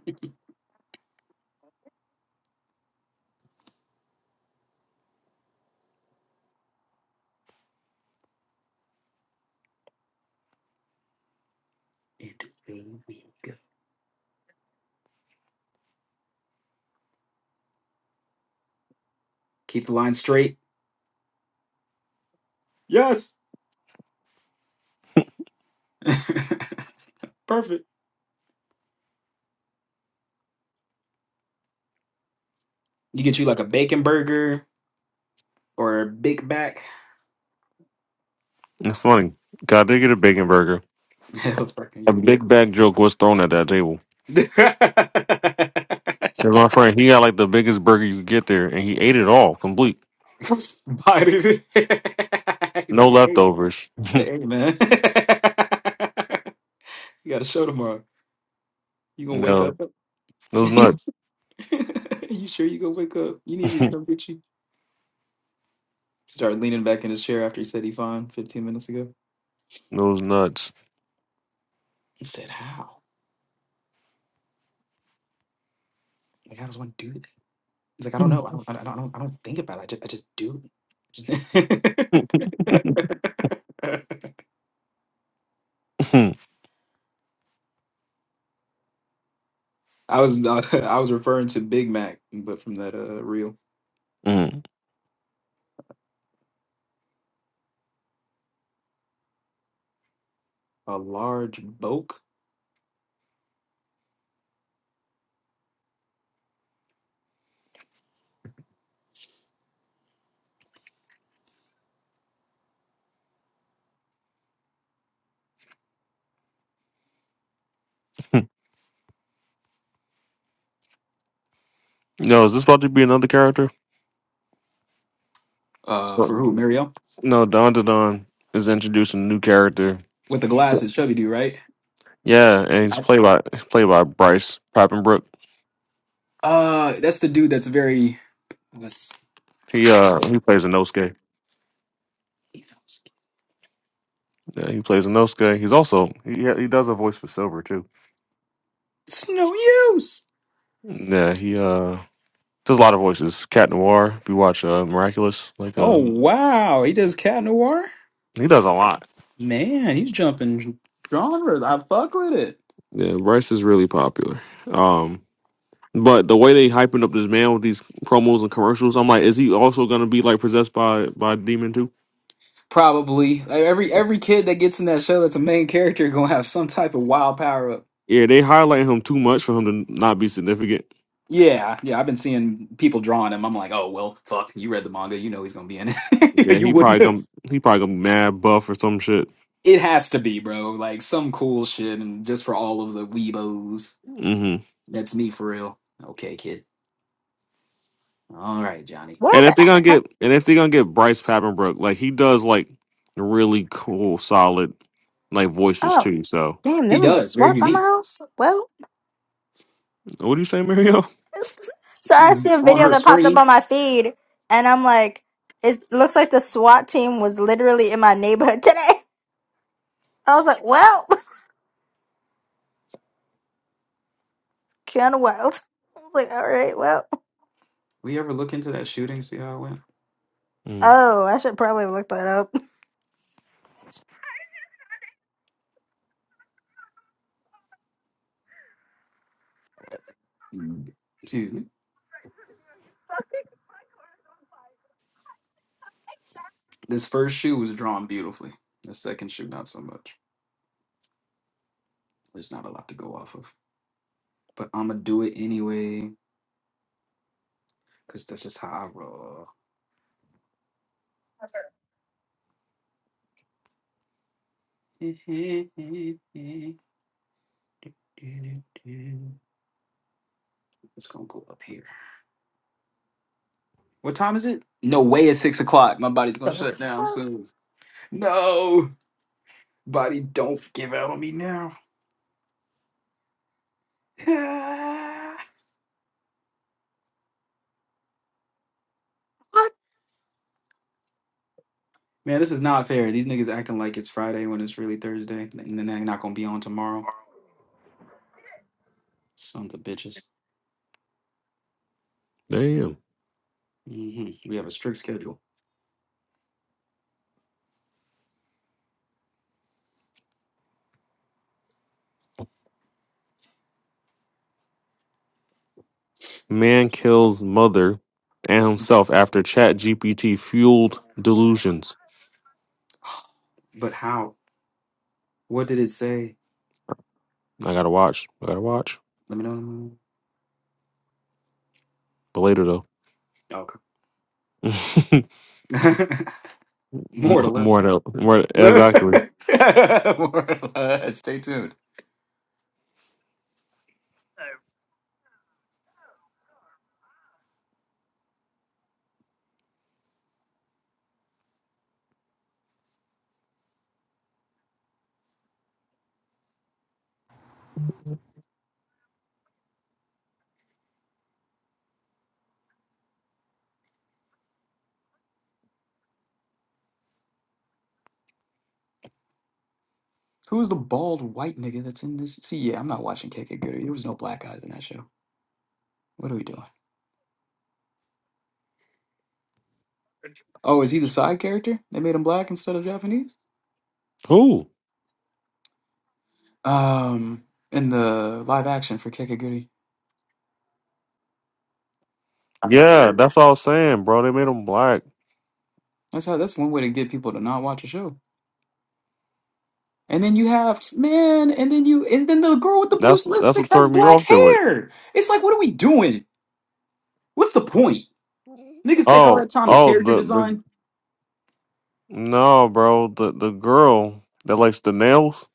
Speaker 2: away we go. Keep the line straight. Perfect. You get you like a bacon burger or a Big Mac.
Speaker 3: it's funny. God, they get a bacon burger.
Speaker 2: Hell fucking
Speaker 3: A
Speaker 2: yeah.
Speaker 3: big bag joke was thrown at that Yeah, my friend, he got like the biggest burger you could get there, and he ate it all, complete,
Speaker 2: Buy it. He's
Speaker 3: no
Speaker 2: like, hey,
Speaker 3: leftovers.
Speaker 2: say hey, man. you got a show tomorrow. You gonna wake up?
Speaker 3: No, those nuts,
Speaker 2: you sure you gonna wake up? You need me to come get you? Started leaning back in his chair after he said he fine 15 minutes ago.
Speaker 3: those nuts.
Speaker 2: He said, How? Like, how does one do that? He's like, I don't
Speaker 3: Mm.
Speaker 2: know. I don't, I don't, I don't, I don't think about it. I just, I just do. I was I was referring to Big Mac, but from that uh reel,
Speaker 3: Mm.
Speaker 2: a large bulk.
Speaker 3: no, is this about to be another character?
Speaker 2: Uh,
Speaker 3: So-
Speaker 2: for who? Mario
Speaker 3: No, Don Don is introducing a new character.
Speaker 2: with the glasses, chubby dude, right?
Speaker 3: Yeah, and he's
Speaker 2: I-
Speaker 3: played by played by Bryce Papenbrook.
Speaker 2: Uh, that's the dude that's very. It's,
Speaker 3: He uh he plays a Nosuke. Yeah, he plays a Nosuke. He's also he yeah, he does a voice for Silver too.
Speaker 2: it's no use.
Speaker 3: Yeah, he uh does a lot of voices. Cat Noir. If you watch uh, Miraculous, like
Speaker 2: Oh
Speaker 3: uh
Speaker 2: wow, he does cat noir.
Speaker 3: He does a lot.
Speaker 2: Man, he's jumping genres. I fuck with it.
Speaker 3: Yeah, Bryce is really popular. Um, but the way they hyping up this man with these promos and commercials, I'm like, is he also gonna be like possessed by by a demon too?
Speaker 2: Probably Like, every
Speaker 3: Yeah,
Speaker 2: every kid that gets in that show that's a main character gonna have some type of wild power up.
Speaker 3: yeah they highlight him too much for him to not be significant.
Speaker 2: Yeah, yeah. I've been seeing people drawing him. I'm like, oh well, fuck. You read the manga, you know he's gonna be in it.
Speaker 3: Yeah,
Speaker 2: you
Speaker 3: he
Speaker 2: wouldn't.
Speaker 3: probably
Speaker 2: Have.
Speaker 3: gonna he probably gonna be mad buff or some shit.
Speaker 2: It has to be, bro. Like some cool shit, and just for all of the weebos.
Speaker 3: hmm
Speaker 2: That's me for real. Okay, kid. All right, Johnny.
Speaker 1: Where
Speaker 3: And if
Speaker 1: the
Speaker 3: they gonna
Speaker 1: heck?
Speaker 3: get and if they gonna get Bryce Papenbrook, like he does like really cool, solid like voices
Speaker 1: Oh,
Speaker 3: too. So
Speaker 1: damn, they
Speaker 2: He
Speaker 1: went to
Speaker 2: does. Very
Speaker 1: swap by my
Speaker 2: unique.
Speaker 1: house? Well.
Speaker 3: what do you say, Mario?
Speaker 1: So I
Speaker 2: She
Speaker 1: see a
Speaker 2: on
Speaker 1: video
Speaker 2: her
Speaker 1: that popped up
Speaker 2: screen.
Speaker 1: on my feed, and I'm like, it looks like the SWAT team was literally in my neighborhood today. I was like, well, kind of wild. I was like, all right, well,
Speaker 2: We ever look into that shooting? See how it went.
Speaker 3: Mm,
Speaker 1: oh, I should probably look that up.
Speaker 2: Dude. This first shoe was drawn beautifully. The second shoe, not so much. There's not a lot to go off of. But I'm going to do it anyway because that's just how I roll. It's going to go up here. What time is it? No way it's six o'clock. My body's going to
Speaker 1: The
Speaker 2: shut down
Speaker 1: fuck?
Speaker 2: soon. No, body, don't give out on me now. Ah. Man, this is not fair. These niggas acting like it's Friday when it's really Thursday. And then they're not going to be on tomorrow. Sons of bitches.
Speaker 3: damn.
Speaker 2: hmm We have a strict schedule.
Speaker 3: Man kills mother and himself after ChatGPT fueled delusions.
Speaker 2: But how? What did it say?
Speaker 3: I gotta watch. I gotta watch.
Speaker 2: Let me know.
Speaker 3: But later though.
Speaker 2: Oh, Okay.
Speaker 3: M-
Speaker 2: More to less.
Speaker 3: more though. More
Speaker 2: More
Speaker 3: exactly.
Speaker 2: to less. Stay tuned. Who's the bald white nigga that's in this? See, yeah, I'm not watching KK Goody. There was no black guys in that show. What are we doing? Oh, is he the side character? They made him black instead of Japanese?
Speaker 3: Who?
Speaker 2: Um, in the live action for KK Goody.
Speaker 3: Yeah, that's all I was saying, bro. They made him black.
Speaker 2: That's how. That's one way to get people to not watch a show. And then you have man, and then you, and then the girl with the blue
Speaker 3: That's that's
Speaker 2: lipstick
Speaker 3: what
Speaker 2: has
Speaker 3: turned me
Speaker 2: black
Speaker 3: off to it.
Speaker 2: hair. It's like, what are we doing? What's the point? Niggas take all
Speaker 3: Oh,
Speaker 2: that time to
Speaker 3: oh,
Speaker 2: character
Speaker 3: the the
Speaker 2: design.
Speaker 3: no, bro. The the girl that likes the nails.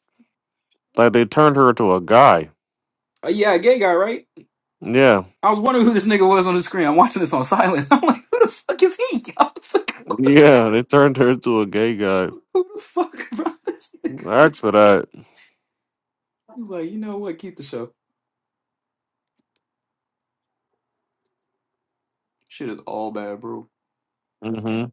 Speaker 3: Like they turned her into a guy.
Speaker 2: Oh yeah, a gay guy, right?
Speaker 3: Yeah,
Speaker 2: I was wondering who this nigga was on the screen. I'm watching this on silent. I'm like, who the fuck is he? I was like,
Speaker 3: yeah. They turned her into a gay guy.
Speaker 2: who the fuck bro? this nigga?
Speaker 3: Ask for that.
Speaker 2: He was like, you know what? Keep the show. Shit is all bad, bro.
Speaker 3: Mm-hmm.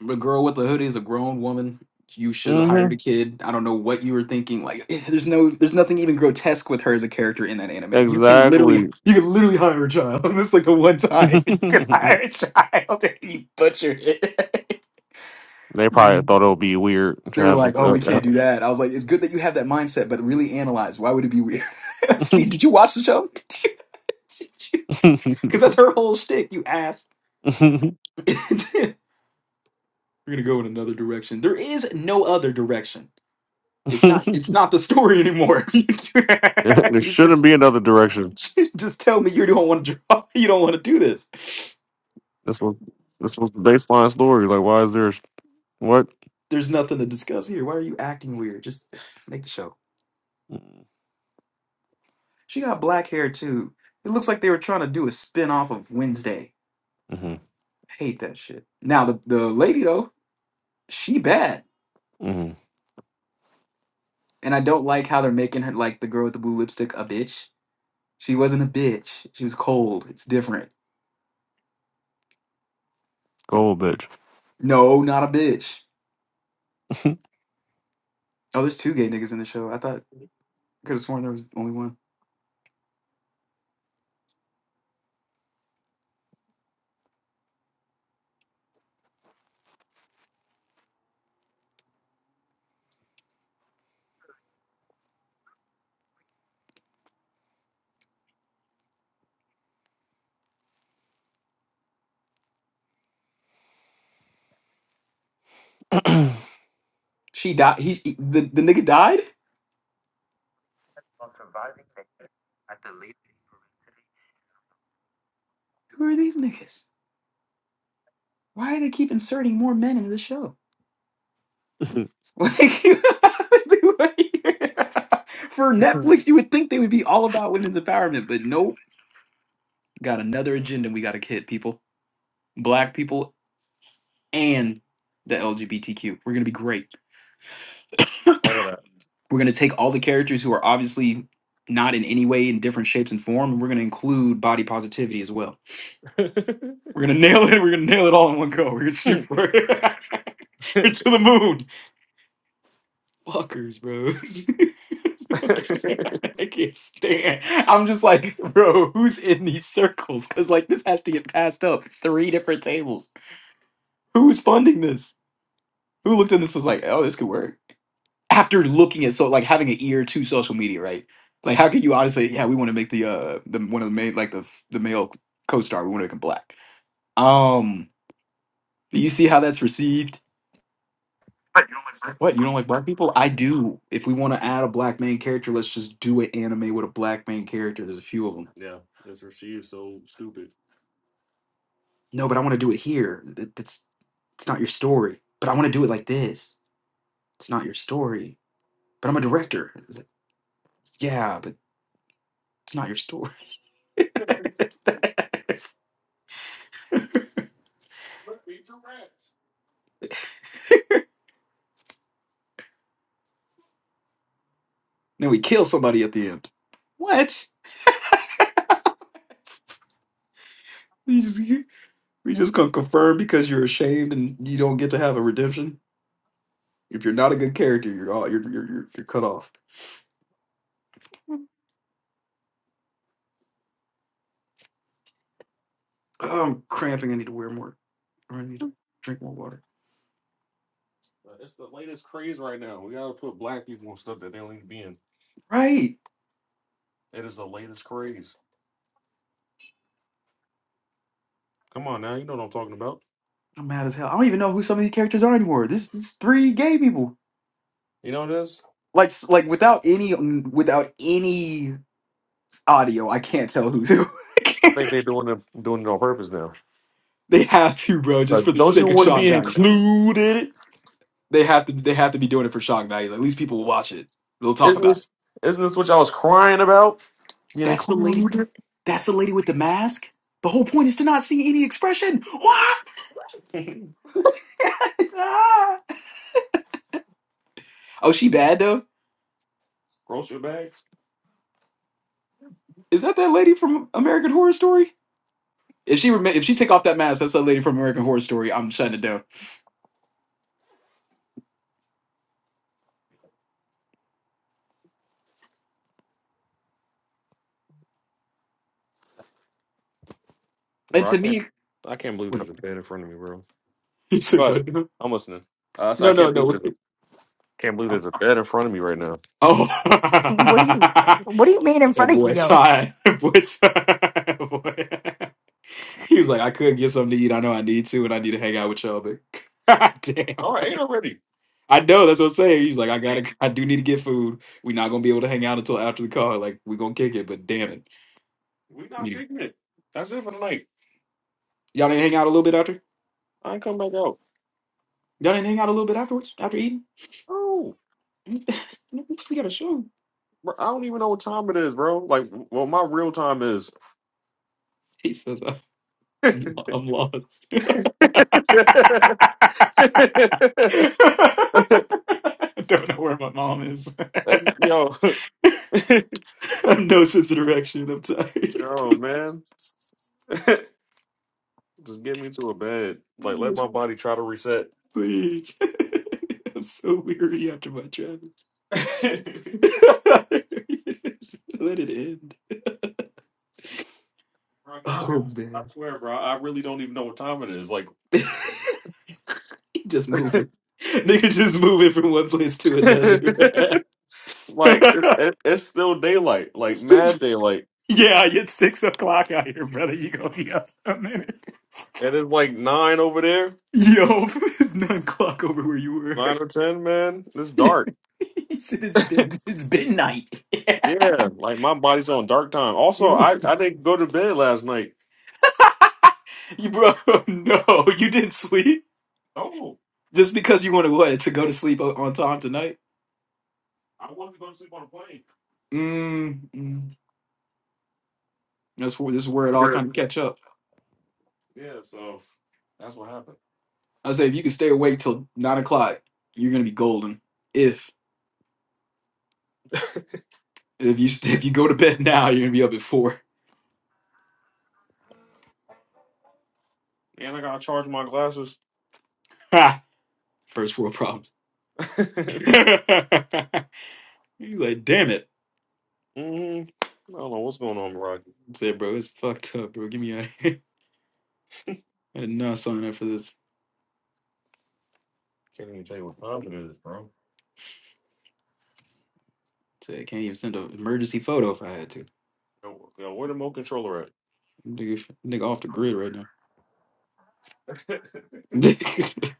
Speaker 2: The girl with the hoodie is a grown woman. You should have
Speaker 3: Mm-hmm.
Speaker 2: hired a kid. I don't know what you were thinking. Like, eh, there's no, there's nothing even grotesque with her as a character in that anime. You can literally,
Speaker 3: Exactly.
Speaker 2: you can literally hire a child. It's like the one
Speaker 3: they
Speaker 2: time you can hire a child and you butcher it.
Speaker 3: probably thought it would be weird to
Speaker 2: They were
Speaker 3: have a.
Speaker 2: like, "Oh, we
Speaker 3: a-
Speaker 2: can't do that." I was like, "It's good that you have that mindset, but really analyze. Why would it be weird?" See, did you watch the show? Did you? Did you? Because that's her whole shtick. You ass. We're gonna go in another direction. There is no other direction. It's not. It's not the story anymore. you
Speaker 3: there shouldn't
Speaker 2: just,
Speaker 3: be another direction.
Speaker 2: just tell me you don't want to draw. You don't want to do this.
Speaker 3: This was this was the baseline story. Like, why is there a sh- what?
Speaker 2: There's nothing to discuss here. Why are you acting weird? Just make the show. She got black hair too. It looks like they were trying to do a spin off of Wednesday
Speaker 3: Mm-hmm.
Speaker 2: Hate that shit. Now the the lady though, she bad,
Speaker 3: Mm-hmm.
Speaker 2: and I don't like how they're making her like the girl with the blue lipstick a bitch. She wasn't a bitch. She was cold. It's different.
Speaker 3: Gold, bitch.
Speaker 2: No, not a bitch. Oh, there's two gay niggas in the show. I thought could have sworn there was only one. She died. He, he- the the nigga died. Who are these niggas? Why do they keep inserting more men into the show? Like, you- for Netflix, you would think they would be all about women's empowerment, but nope. Got another agenda we got to hit people, black people, and the LGBTQ. We're going to be great.
Speaker 3: All of that.
Speaker 2: We're going to take all the characters who are obviously not in any way in different shapes and form, and we're going to include body positivity as well. We're going to nail it. We're going to nail it all in one go. We're going to shoot for it. We're to the moon. fuckers, bro. I can't stand. I'm just like, bro, who's in these circles? Because like this has to get passed up three different tables. Who's funding this? Who looked at this was like, oh, this could work. After looking at so like having an ear to social media, right? Like, how could you honestly? Yeah, we want to make the uh the one of the main like the the male co-star. We want to make him black. Um, do you see how that's received? What, you don't like black people? I do. If we want to add a black main character, let's just do an anime with a black main character. There's a few of them.
Speaker 3: yeah, it's received so stupid.
Speaker 2: No, but I want to do it here. Th- That's it's not your story. But I want to do it like this. It's not your story. But I'm a director. It's like, yeah, but it's not your story. It's that.
Speaker 3: Look, eat your rats.
Speaker 2: then we kill somebody at the end. What? we just we just gonna confirm because you're ashamed and you don't get to have a redemption. If you're not a good character, you're all you're you're, you're, you're cut off. Oh, I'm cramping. I need to wear more, or I need to drink more water.
Speaker 3: Uh, It's the latest craze right now. We gotta put black people on stuff that they don't need to be in.
Speaker 2: Right.
Speaker 3: It is the latest craze. Come on now, you know what I'm talking about.
Speaker 2: I'm mad as hell. I don't even know who some of these characters are anymore. This is three gay people.
Speaker 3: You know this?
Speaker 2: Like, s- like without any, mm, without any audio, I can't tell who's who.
Speaker 3: I think they're doing it doing it on purpose now.
Speaker 2: they have to, bro,
Speaker 3: So
Speaker 2: just for the
Speaker 3: don't you
Speaker 2: sake of
Speaker 3: want to
Speaker 2: shock
Speaker 3: be
Speaker 2: value.
Speaker 3: included?
Speaker 2: They have to, they have to be doing it for shock value. At least people will watch it. They'll talk
Speaker 3: Isn't
Speaker 2: about it.
Speaker 3: this isn't this what y'all was crying about? Being
Speaker 2: That's the lady.
Speaker 3: included?
Speaker 2: That's the lady with the mask. The whole point is to not see any expression. What? oh, she bad though.
Speaker 3: Grocery bags?
Speaker 2: Is that that lady from American Horror Story? If she rema if she take off that mask, that's that lady from American Horror Story. I'm shutting it down. And
Speaker 3: Bro, I
Speaker 2: to
Speaker 3: can't
Speaker 2: me,
Speaker 3: I can't believe
Speaker 2: Wait,
Speaker 3: there's a bed in front of me, bro.
Speaker 2: you
Speaker 3: Go
Speaker 2: said
Speaker 3: ahead.
Speaker 2: what? now?
Speaker 3: I'm listening. Uh, so
Speaker 2: No,
Speaker 3: I
Speaker 2: no,
Speaker 3: can't believe
Speaker 2: no.
Speaker 3: there's a
Speaker 2: Wait.
Speaker 3: can't believe there's a bed in front of me right now.
Speaker 2: Oh,
Speaker 1: What do you
Speaker 2: that
Speaker 1: What do you mean in front of
Speaker 2: boy
Speaker 1: you?
Speaker 2: Ty, boy Ty, boy. He was like, I could get something to eat. I know I need to, and I need to hang out with y'all. But damn,
Speaker 3: All right, eight already.
Speaker 2: I know that's what I'm saying. He's like, I gotta, I do need to get food. We're not gonna be able to hang out until after the car. Like, we gonna kick it. But damn it,
Speaker 3: We not
Speaker 2: You-
Speaker 3: kicking it. That's it for the night.
Speaker 2: y'all didn't hang out a little bit after.
Speaker 3: I ain't coming back out.
Speaker 2: Y'all didn't hang out a little bit afterwards after eating.
Speaker 3: Oh.
Speaker 2: we gotta show him.
Speaker 3: Bro, I don't even know what time it is, bro. Like, well, my real time is.
Speaker 2: He says, I'm,
Speaker 3: yo,
Speaker 2: I'm lost. I don't know where my mom is. I have no sense of direction. I'm tired.
Speaker 3: yo, man, just get me to a bed.
Speaker 2: He
Speaker 3: Like, let
Speaker 2: says,
Speaker 3: my body try to reset.
Speaker 2: Please. I'm so weary after my travel.
Speaker 3: bro,
Speaker 2: Let it end.
Speaker 3: yeah, I,
Speaker 2: Oh,
Speaker 3: I
Speaker 2: man.
Speaker 3: swear, bro, I really don't even know what time it is. Like,
Speaker 2: he just moving. Nigga just moving from one place to
Speaker 3: like it,
Speaker 2: another.
Speaker 3: it, it's still daylight, like mad daylight,
Speaker 2: Yeah, it's six o'clock out here, brother. You gonna be up a minute.
Speaker 3: and it's like nine over there,
Speaker 2: Yo, it's nine o'clock over where you
Speaker 3: nine
Speaker 2: were.
Speaker 3: or ten, man. It's
Speaker 2: he
Speaker 3: dark.
Speaker 2: said it's been it's midnight. Yeah.
Speaker 3: Yeah, like my body's on dark time. Also,
Speaker 2: You,
Speaker 3: I I didn't go to bed last night.
Speaker 2: you bro, no, you didn't sleep
Speaker 3: Oh,
Speaker 2: just because you wanted what to go to sleep o- on time tonight.
Speaker 3: I wanted to go to sleep on a plane.
Speaker 2: Mm, mm. That's where this is where it all kind of catch up.
Speaker 3: Yeah, so that's what happened.
Speaker 2: I say if you can stay awake till nine o'clock, you're gonna be golden. If if you st- if you go to bed now, you're gonna be up at four.
Speaker 3: And I gotta charge my glasses.
Speaker 2: Ha! First world problems.
Speaker 3: mm
Speaker 2: He's like, damn it.
Speaker 3: I don't know what's going on, bro. I
Speaker 2: I said, bro, it's fucked up, bro. Get me out of here. I did not sign up for this.
Speaker 3: can't even tell you what time it is, bro.
Speaker 2: I said, I can't even send an emergency photo if I had to.
Speaker 3: Yo, yo, where the remote controller
Speaker 2: Nigga, nigga off the grid right now.
Speaker 3: at?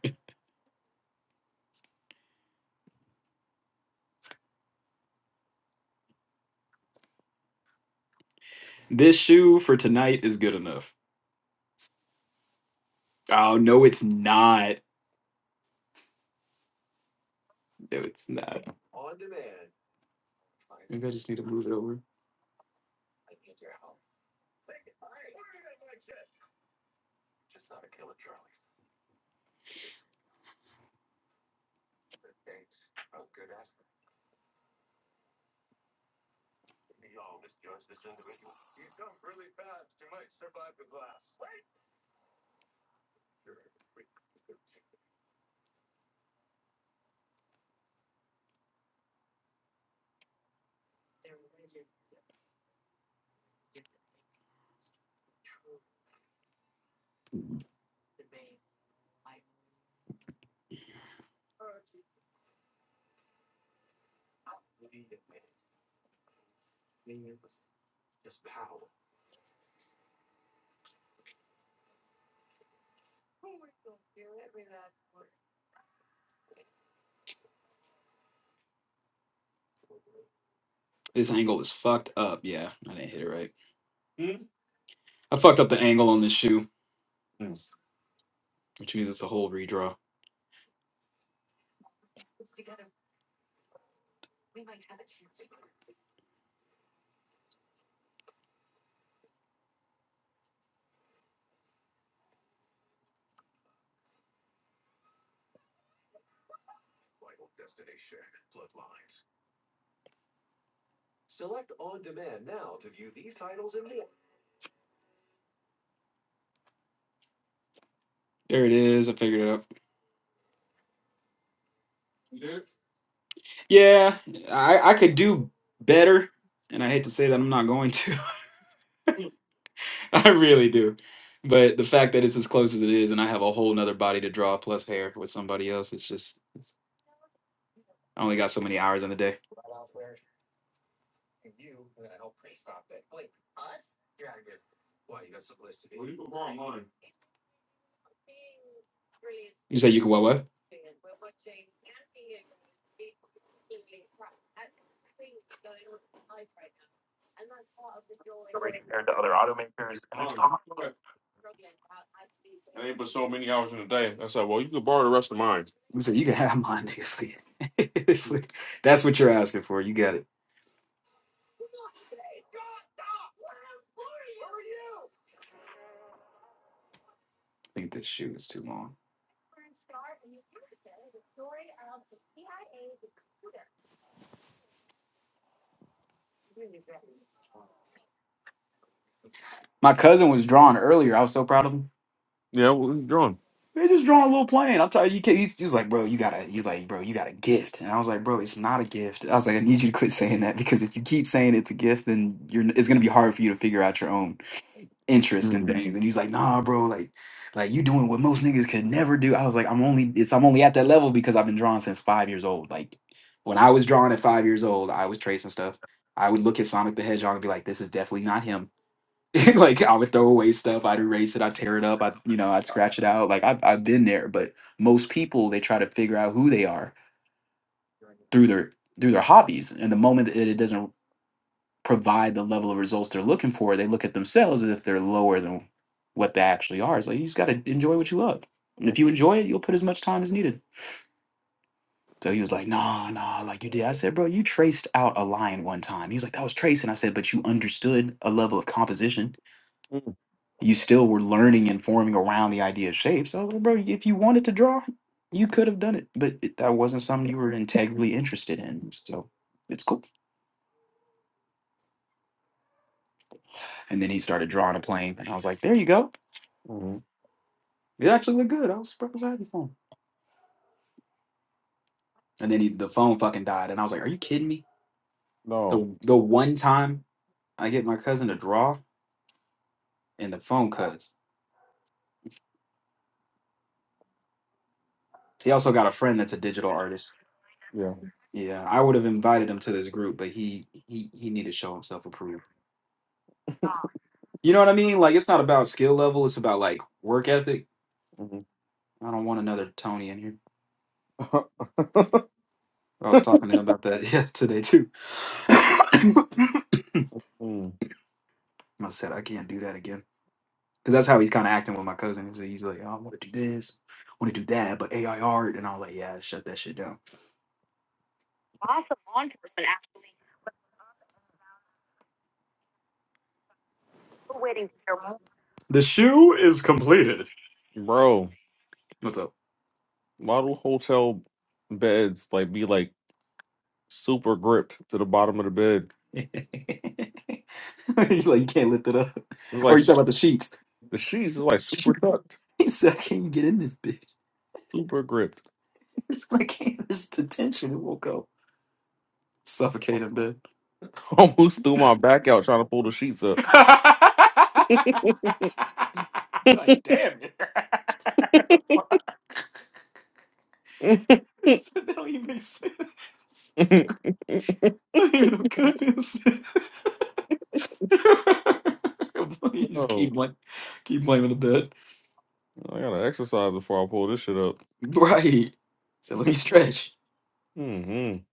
Speaker 2: this shoe for tonight is good enough. Oh, no, it's not. No, it's not. Maybe I just need to move it over. This angle is fucked up. Yeah, I didn't hit it right.
Speaker 3: Hmm?
Speaker 2: I fucked up the angle on this shoe, which means it's a whole redraw. There it is. I figured it out. Yeah, I, I could do better, and I hate to say that I'm not going to. I really do. But the fact that it's as close as it is, and I have a whole nother body to draw plus hair with somebody else, it's just it's, I only got so many hours in the day.
Speaker 3: Why you got someplace to be? Well, you can borrow mine.
Speaker 2: You say you can what what?
Speaker 3: No, you can- That ain't but so many hours in a day. I said, well, you could borrow the rest of mine.
Speaker 2: You say you can have mine, nigga. Flea. Flea. That's what you're asking for. You got it. I think this shoe is too long. My cousin was drawing earlier. I was so proud of him.
Speaker 3: Yeah, well,
Speaker 2: They just drawing a little plane. I'll tell you, you can't. He's, he was like, bro, you gotta. He was like, bro, you got a gift. And I was like, bro, it's not a gift. I was like, I need you to quit saying that because if you keep saying it's a gift, then you're. It's gonna be hard for you to figure out your own interest and
Speaker 3: you're
Speaker 2: things. And he's like, nah, bro, like, like you doing what most niggas could never do. I was like, I'm only. It's I'm only at that level because I've been drawing since five years old. Like, when I was drawing at five years old, I was tracing stuff. I would look at Sonic the Hedgehog and be like, this is definitely not him like I would throw away stuff, I'd erase it, I'd tear it up, I you know, I'd scratch it out. Like I've I've been there, but most people they try to figure out who they are through their through their hobbies. And the moment that it doesn't provide the level of results they're looking for, they look at themselves as if they're lower than what they actually are. It's like you just gotta enjoy what you love. And if you enjoy it, you'll put as much time as needed. So he was like, nah, nah, like you did. I said, bro, you traced out a line one time. He was like, that was tracing. I said, but you understood a level of composition
Speaker 3: on.
Speaker 2: you still were learning and forming around the idea of shape. So, like, bro, if you wanted to draw, you could have done it, but it, that wasn't something you were integrally interested in. So, it's cool. And then he started drawing a plane, and I was like, there you go.
Speaker 3: hmm
Speaker 2: It actually looked good. I was super happy for him. And then he, the phone fucking died, and I was like, are you kidding me?
Speaker 3: No.
Speaker 2: The the one time I get my cousin to draw, and the phone cuts. He also got a friend that's a digital artist.
Speaker 3: Yeah.
Speaker 2: Yeah, I would have invited him to this group, but he he he needed to show himself approved. You know what I mean? Like it's not about skill level, it's about like work ethic.
Speaker 3: hmm
Speaker 2: I don't want another Tony in here. I was talking to him about that yeah, today too. I
Speaker 3: mm.
Speaker 2: said I can't do that again. Cause that's how he's kind of acting with my cousin. He's like, he's like, "Oh, I want to do this, I want to do that, but AI art, and I was like, yeah, shut that shit down. The shoe is completed.
Speaker 3: Bro,
Speaker 2: What's up?
Speaker 3: Model hotel beds like be like super gripped to the bottom of the bed?
Speaker 2: you like you can't lift it up,
Speaker 3: They're
Speaker 2: or
Speaker 3: like
Speaker 2: you talking
Speaker 3: s-
Speaker 2: about the sheets?
Speaker 3: the sheets is like super tucked,
Speaker 2: Zach, can you get
Speaker 3: super gripped.
Speaker 2: it? Yo.
Speaker 3: Almost threw my back out trying to pull the sheets up.
Speaker 2: You're like,
Speaker 3: Oh,
Speaker 2: Keep blaming the bed.
Speaker 3: I gotta exercise before I pull this shit up.
Speaker 2: Right. So let me stretch.
Speaker 3: Mm-hmm.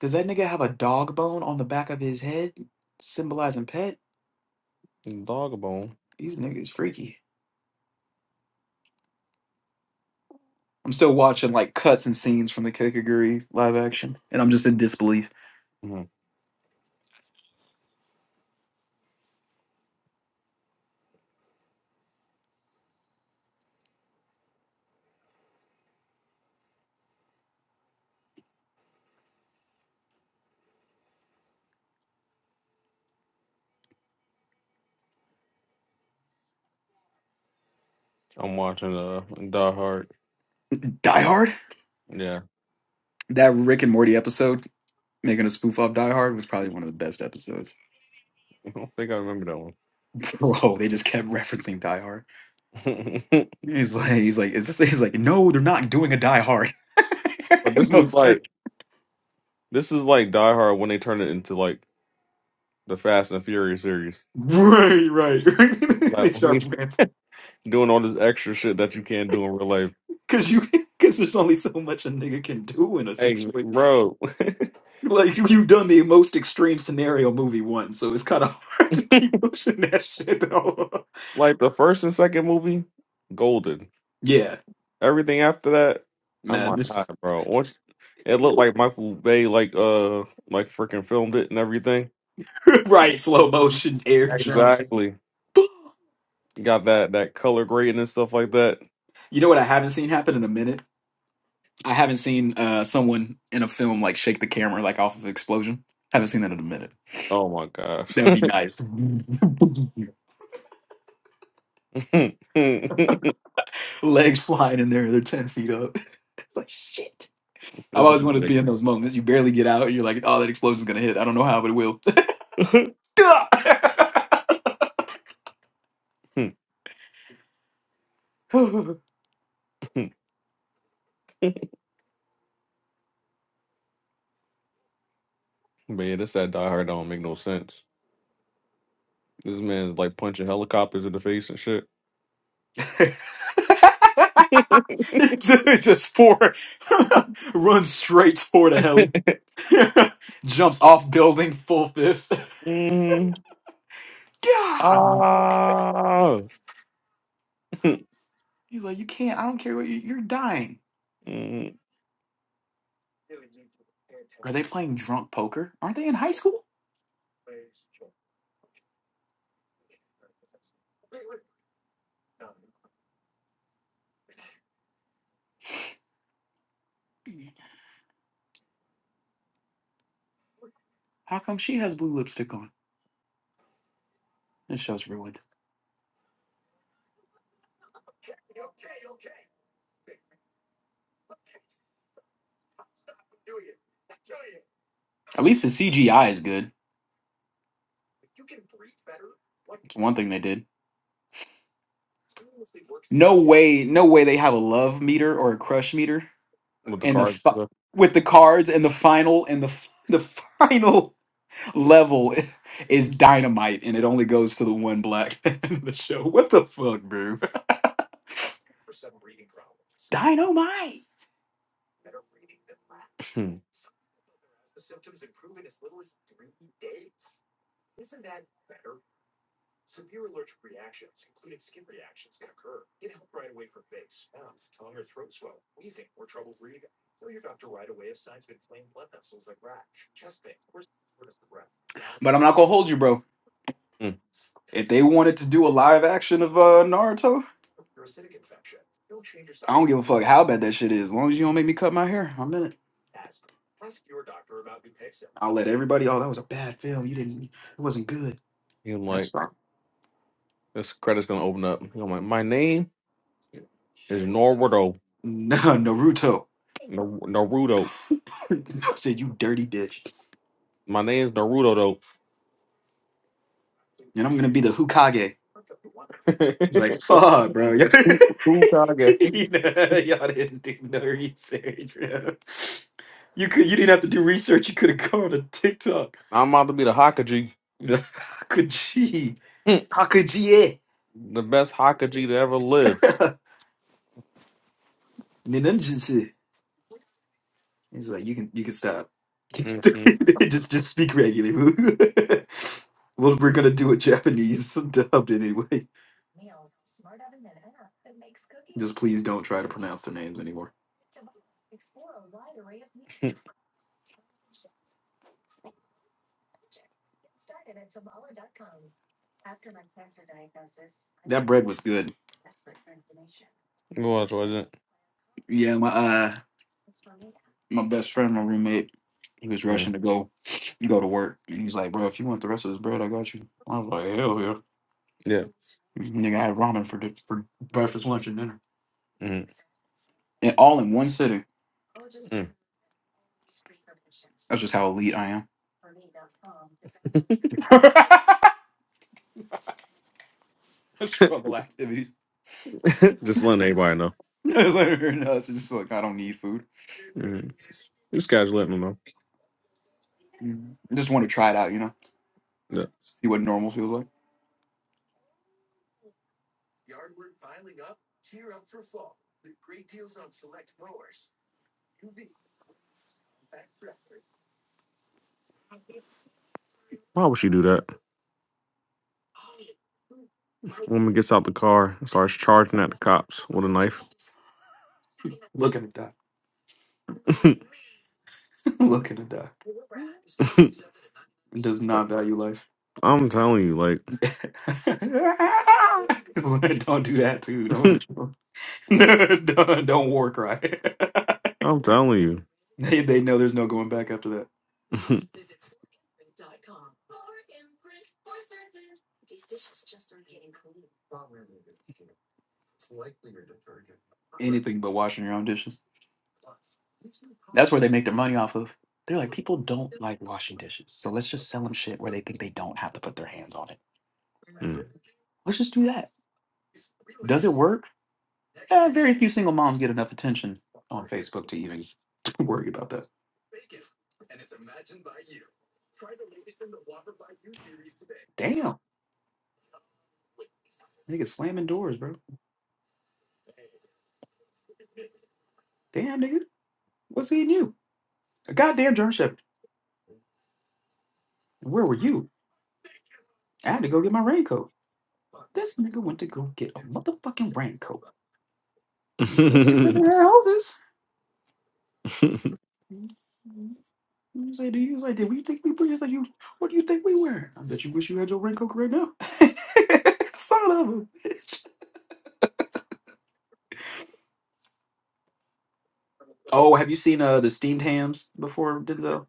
Speaker 2: Does that nigga have a dog bone on the back of his head symbolizing pet?
Speaker 3: Dog bone.
Speaker 2: These niggas freaky. I'm still watching like cuts and scenes from the Kikaguri live action, and I'm just in disbelief.
Speaker 3: hmm I'm watching uh Die Hard.
Speaker 2: Die Hard?
Speaker 3: Yeah,
Speaker 2: That Rick and Morty episode making a spoof off Die Hard was probably one of the best episodes.
Speaker 3: I don't think I remember that one.
Speaker 2: Bro, they just kept referencing Die Hard. He's like, he's like, is this? He's like, no, they're not doing a Die Hard.
Speaker 3: but
Speaker 2: And
Speaker 3: this is
Speaker 2: Most certain.
Speaker 3: like This is like Die Hard when they turn it into like the Fast and Furious series.
Speaker 2: Right, right.
Speaker 3: Like
Speaker 2: they
Speaker 3: when you
Speaker 2: start ranting
Speaker 3: doing all this extra shit that you can't do in real life.
Speaker 2: because you because there's only so much a nigga can do in a
Speaker 3: Hey,
Speaker 2: situation.
Speaker 3: bro,
Speaker 2: Like you, you've done the most extreme scenario movie once, so it's kind of hard to keep pushing that shit though.
Speaker 3: like the first and second movie, golden.
Speaker 2: Yeah,
Speaker 3: Everything after that, I'm
Speaker 2: man.
Speaker 3: like, "All
Speaker 2: This,
Speaker 3: right, bro. Once it looked like Michael Bay, like uh, like freaking filmed it and everything.
Speaker 2: right, slow motion air jumps.
Speaker 3: Exactly. got that that color grading and stuff like that.
Speaker 2: You know what I haven't seen happen in a minute? I haven't seen uh, someone in a film like shake the camera like off of explosion. Haven't seen that in a minute.
Speaker 3: Oh my gosh.
Speaker 2: That would be nice. Legs flying in there, they're ten feet up. It's like shit. I've always wanted to
Speaker 3: Visibly
Speaker 2: be in those moments. You barely get out, you're like, oh, that explosion's gonna hit. I don't know how, but it will.
Speaker 3: big. Man, this that Die Hard don't make no sense. This man's like punching helicopters in the face and shit.
Speaker 2: It Just runs straight toward a heli, jumps off building full fist.
Speaker 3: Mm.
Speaker 2: God,
Speaker 3: Ah.
Speaker 2: he's like, you can't. I don't care what you, you're dying.
Speaker 3: Mm.
Speaker 2: Are they playing drunk poker? Aren't they in high school? How come she has blue lipstick on? This show's ruined. At least the CGI is good. It's one thing they did. No way, no way they have a love meter or a crush meter,
Speaker 3: With the
Speaker 2: and the
Speaker 3: car. and
Speaker 2: fi-
Speaker 3: stuff.
Speaker 2: with the cards and the final and the f- the final level i- is dynamite, and it only goes to the one black man in the show. What the fuck, bro? Dynamite. But I'm not gonna hold you, bro.
Speaker 3: Mm.
Speaker 2: If they wanted to do a live action of uh, Naruto, I don't give a fuck how bad that shit is. As long as you don't make me cut my hair, I'm in it. I'll let everybody. Oh, that was a bad film. You didn't. It wasn't good.
Speaker 3: He
Speaker 2: That's
Speaker 3: like
Speaker 2: fine.
Speaker 3: this credit's gonna open up. I'm like, my name. It's Naruto.
Speaker 2: No, Naruto.
Speaker 3: Nar- Naruto.
Speaker 2: said you dirty bitch,
Speaker 3: My name's Naruto though.
Speaker 2: and I'm gonna be the Hukage. He's like, fuck, bro.
Speaker 3: Hokage.
Speaker 2: Y'all y'all didn't do no research, bro. You could, you didn't have to do research. You could have gone to TikTok.
Speaker 3: I'm about to be the Hokage.
Speaker 2: Hakuji, Hakuji,
Speaker 3: the best Hokage to ever live.
Speaker 2: Ninjutsu. He's like, you can, you can stop.
Speaker 3: hmm
Speaker 2: Just, just, just speak regularly. well, we're gonna do a Japanese dubbed anyway. Just please don't try to pronounce the names anymore. That bread was good.
Speaker 3: It was, was it?
Speaker 2: Yeah, my uh my best friend, my roommate, he was rushing
Speaker 3: Mm.
Speaker 2: to go go to work. And he's like, bro, if you want the rest of this bread, I got you. I was like, hell yeah.
Speaker 3: Yeah.
Speaker 2: Nigga, I had ramen for di- for breakfast, lunch, and dinner.
Speaker 3: Mm.
Speaker 2: And all in one sitting.
Speaker 3: Mm.
Speaker 2: That's just how elite I am. Struggle activities.
Speaker 3: Just letting everybody know.
Speaker 2: I like, no, it's just like I don't need food.
Speaker 3: Mm. This guy's letting them know.
Speaker 2: Mhm. I just want to try it out, you know?
Speaker 3: Yeah.
Speaker 2: See what normal feels like.
Speaker 3: Why would she do that? Woman gets out the car and starts charging at the cops with a knife.
Speaker 2: Look at it die. Look at it die. It does not value life.
Speaker 3: I'm telling you, like,
Speaker 2: It's like, don't do that too. Don't don't, don't war cry.
Speaker 3: I'm telling you.
Speaker 2: they they know there's no going back after that. Anything but washing your own dishes. That's where they make their money off of. They're like, people don't like washing dishes, so let's just sell them shit where they think they don't have to put their hands on it.
Speaker 3: Mm.
Speaker 2: Let's just do that. Does it work? Eh, very few single moms get enough attention on Facebook to even worry about that. Damn, nigga slamming doors, bro. Damn, nigga, what's he in you? A goddamn germ shepherd. Where were you? I had to go get my raincoat. This nigga went to go get a motherfucking raincoat You still they sit in their houses.
Speaker 3: Mm-mm.
Speaker 2: He was like, he was like, did we think we put? He's like, you, what do you think we wear? I bet you wish you had your raincoat right now. Son of a bitch. Oh, have you seen uh the steamed hams before, Denzel?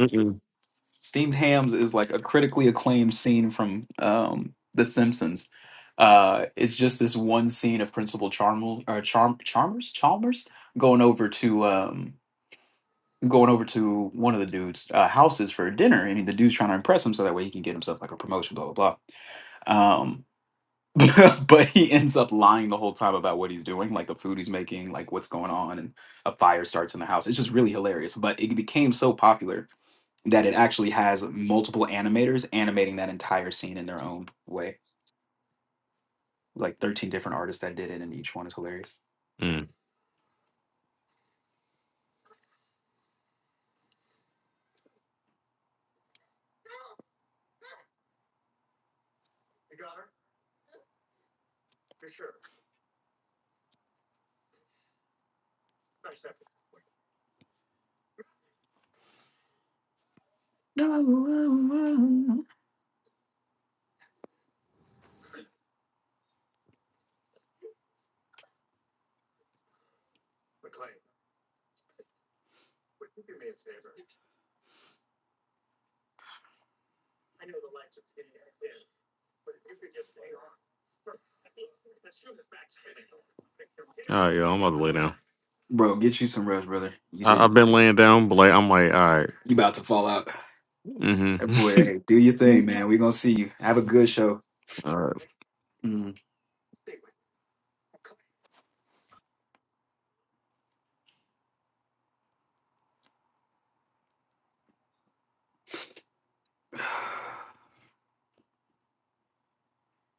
Speaker 3: Mm.
Speaker 2: Steamed hams is like a critically acclaimed scene from um The Simpsons. Uh, it's just this one scene of Principal Charmel or Charm Chalmers Chalmers going over to um going over to one of the dudes' uh, houses for dinner, and the dude's trying to impress him so that way he can get himself like a promotion, blah blah blah. Um, but he ends up lying the whole time about what he's doing, like the food he's making, like what's going on, and a fire starts in the house. It's just really hilarious. But it became so popular that it actually has multiple animators animating that entire scene in their own way. Like 13 different artists that did it, and each one is hilarious.
Speaker 3: all right, yo, I'm about to lay down.
Speaker 2: Bro, get you some rest, brother. You
Speaker 3: I,
Speaker 2: did.
Speaker 3: I've been laying down, but like, I'm like, all right.
Speaker 2: You about to fall out. Hey,
Speaker 3: Mm-hmm.
Speaker 2: boy, hey, do your thing, man. We're gonna see you. Have a good show. Mm.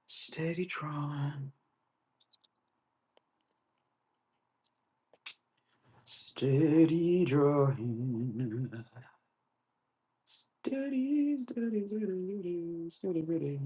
Speaker 2: Steady drawing, steady drawing, steady, steady, steady, steady, steady.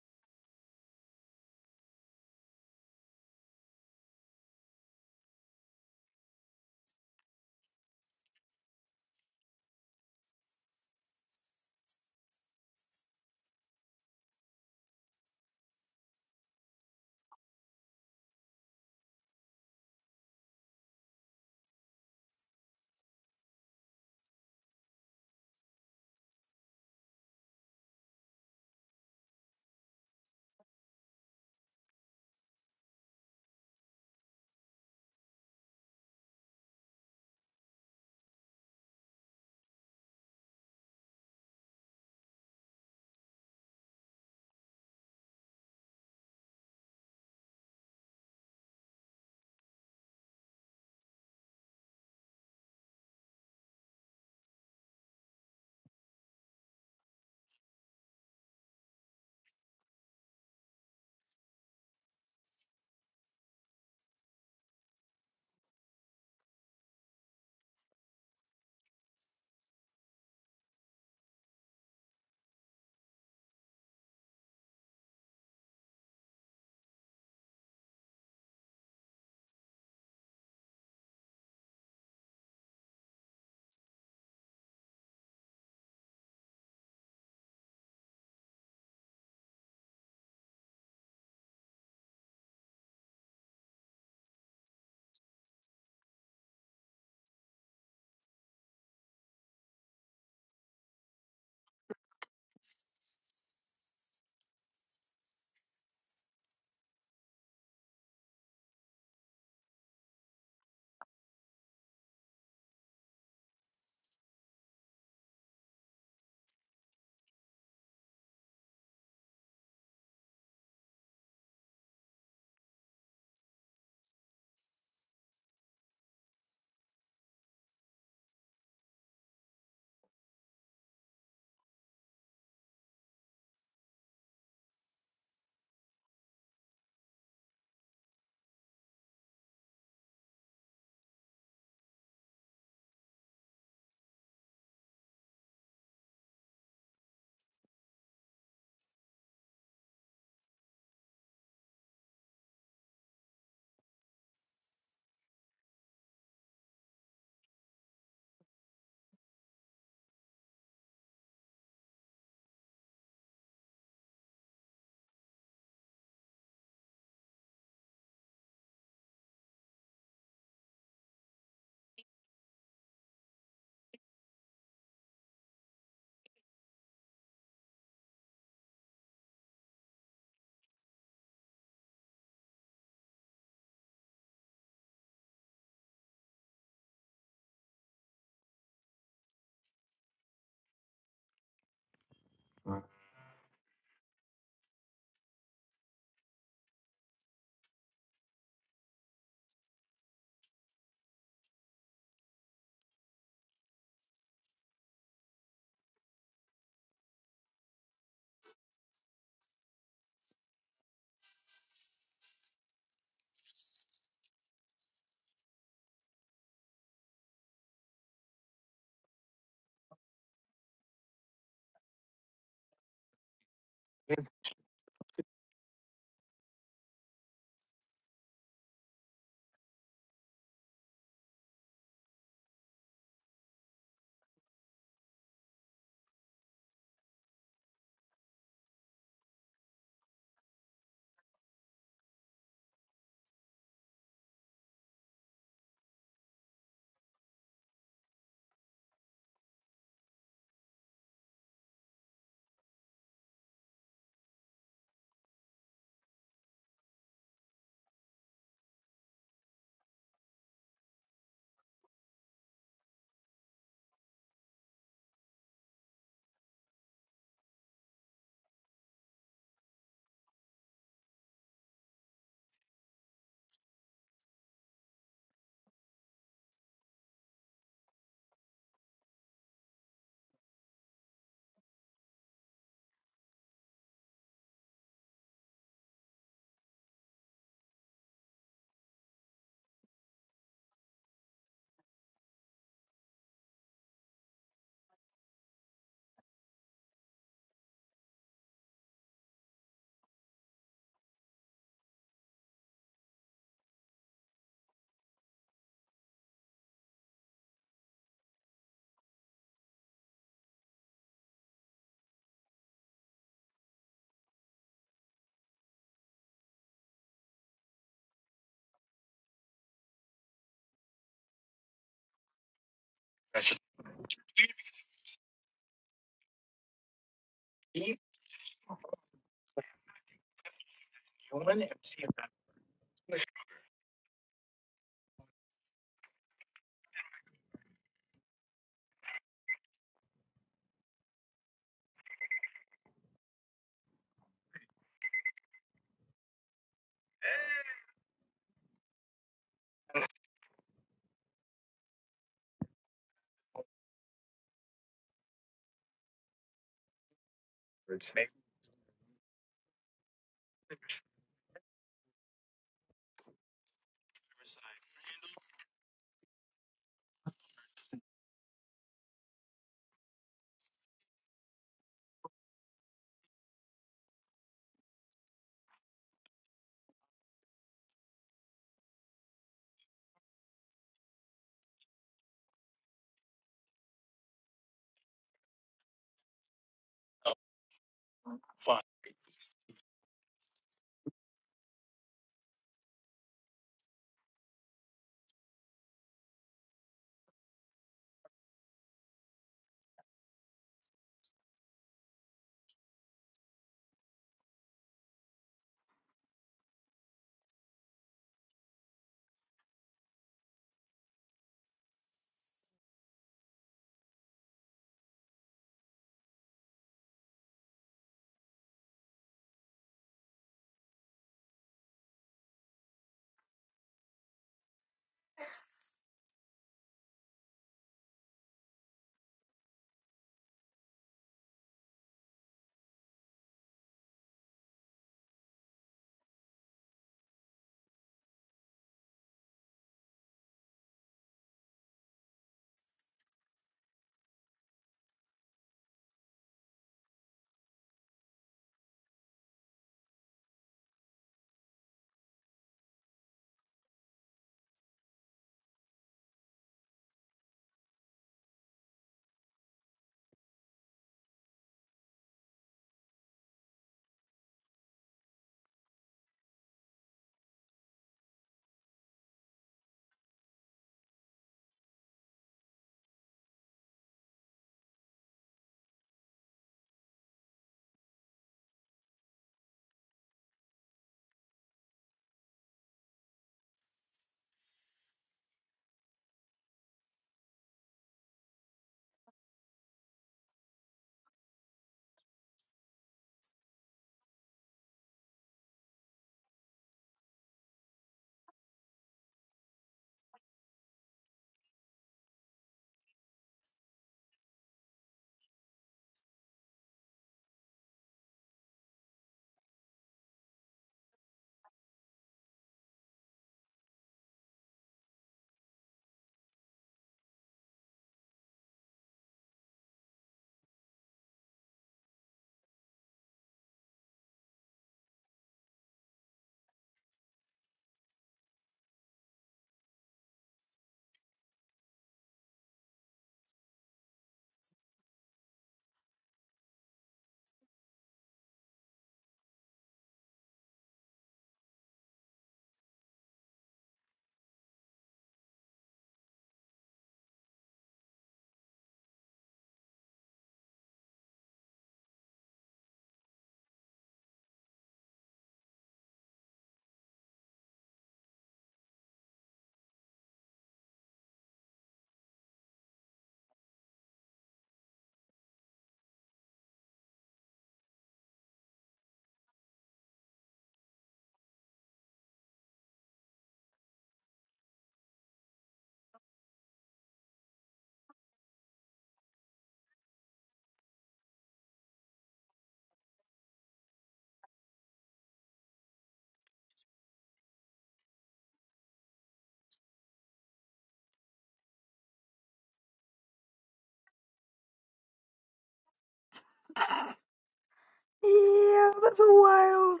Speaker 1: Yeah, that's wild.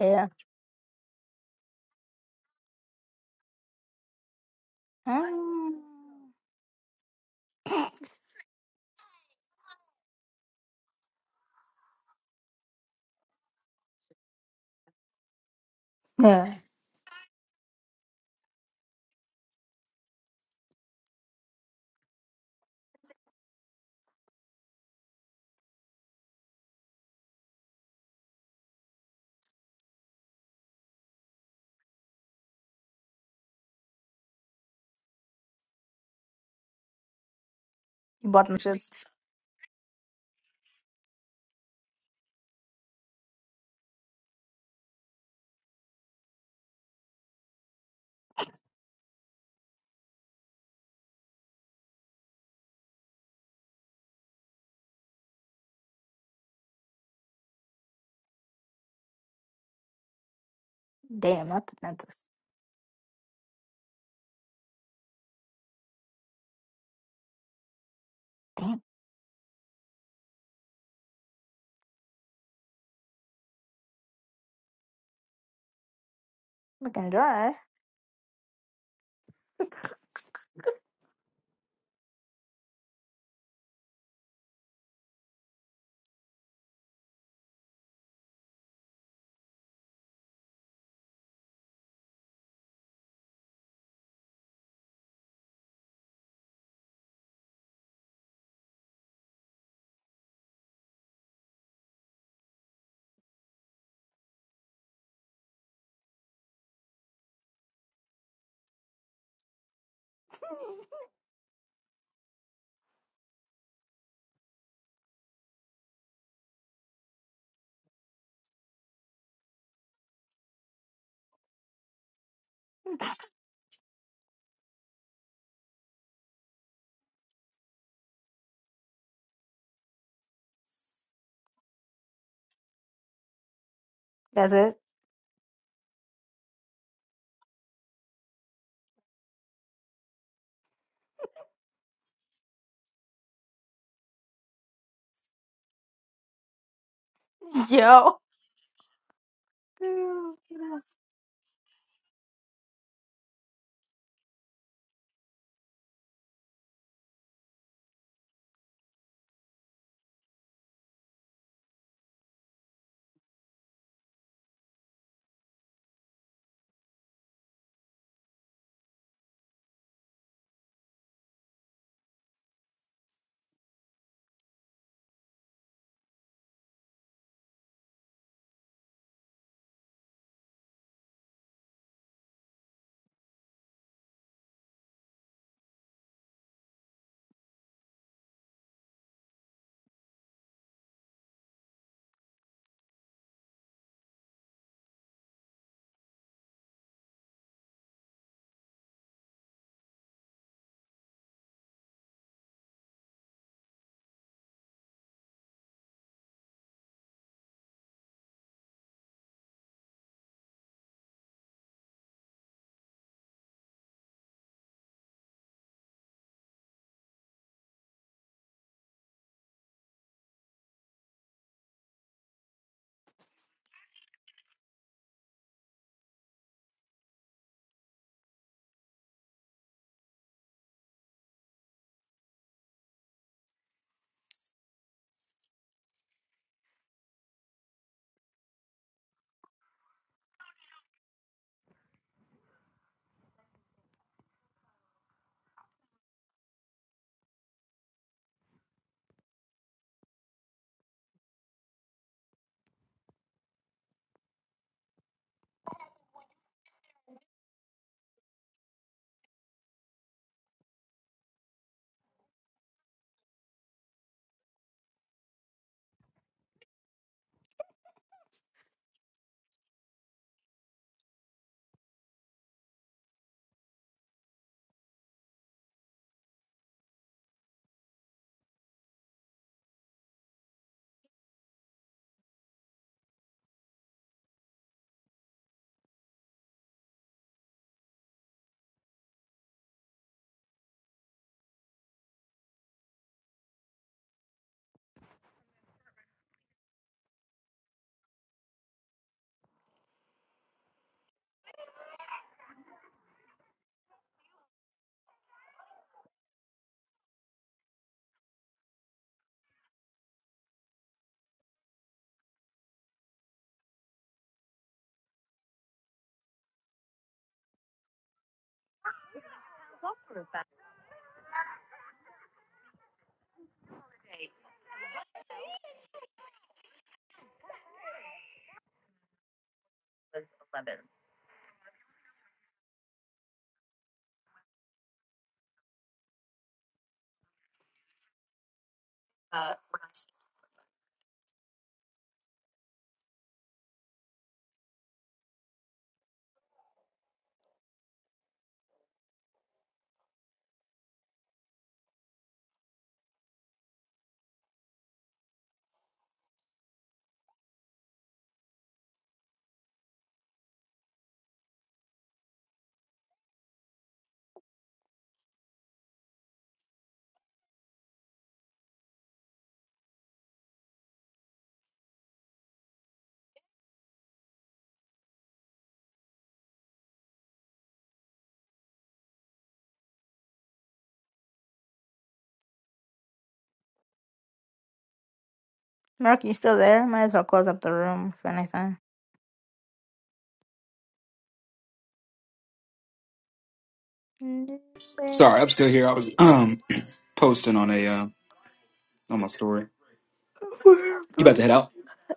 Speaker 1: Yeah. Mm. Yeah. You bought them shits. Damn, not the dentist. Damn. Looking dry. That's it. Yo. Mark, you still there? Might as well close up the room if anything.
Speaker 2: Sorry, I'm still here. I was um posting on a uh, on my story. You about to head out?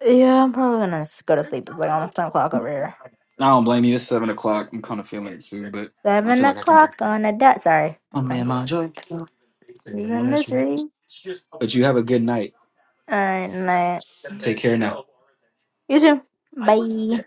Speaker 1: Yeah, I'm probably gonna s- go to sleep. It's like almost 10 o'clock over here.
Speaker 2: I don't blame you. It's, I'm kind of feeling, but I
Speaker 1: 7
Speaker 2: feel like I can do. it.
Speaker 1: o'clock on the dot. Sorry.
Speaker 2: I'm in
Speaker 1: Fine.
Speaker 2: my joy.
Speaker 1: You're in misery.
Speaker 2: Good night.
Speaker 1: Alright, night. You too. Bye.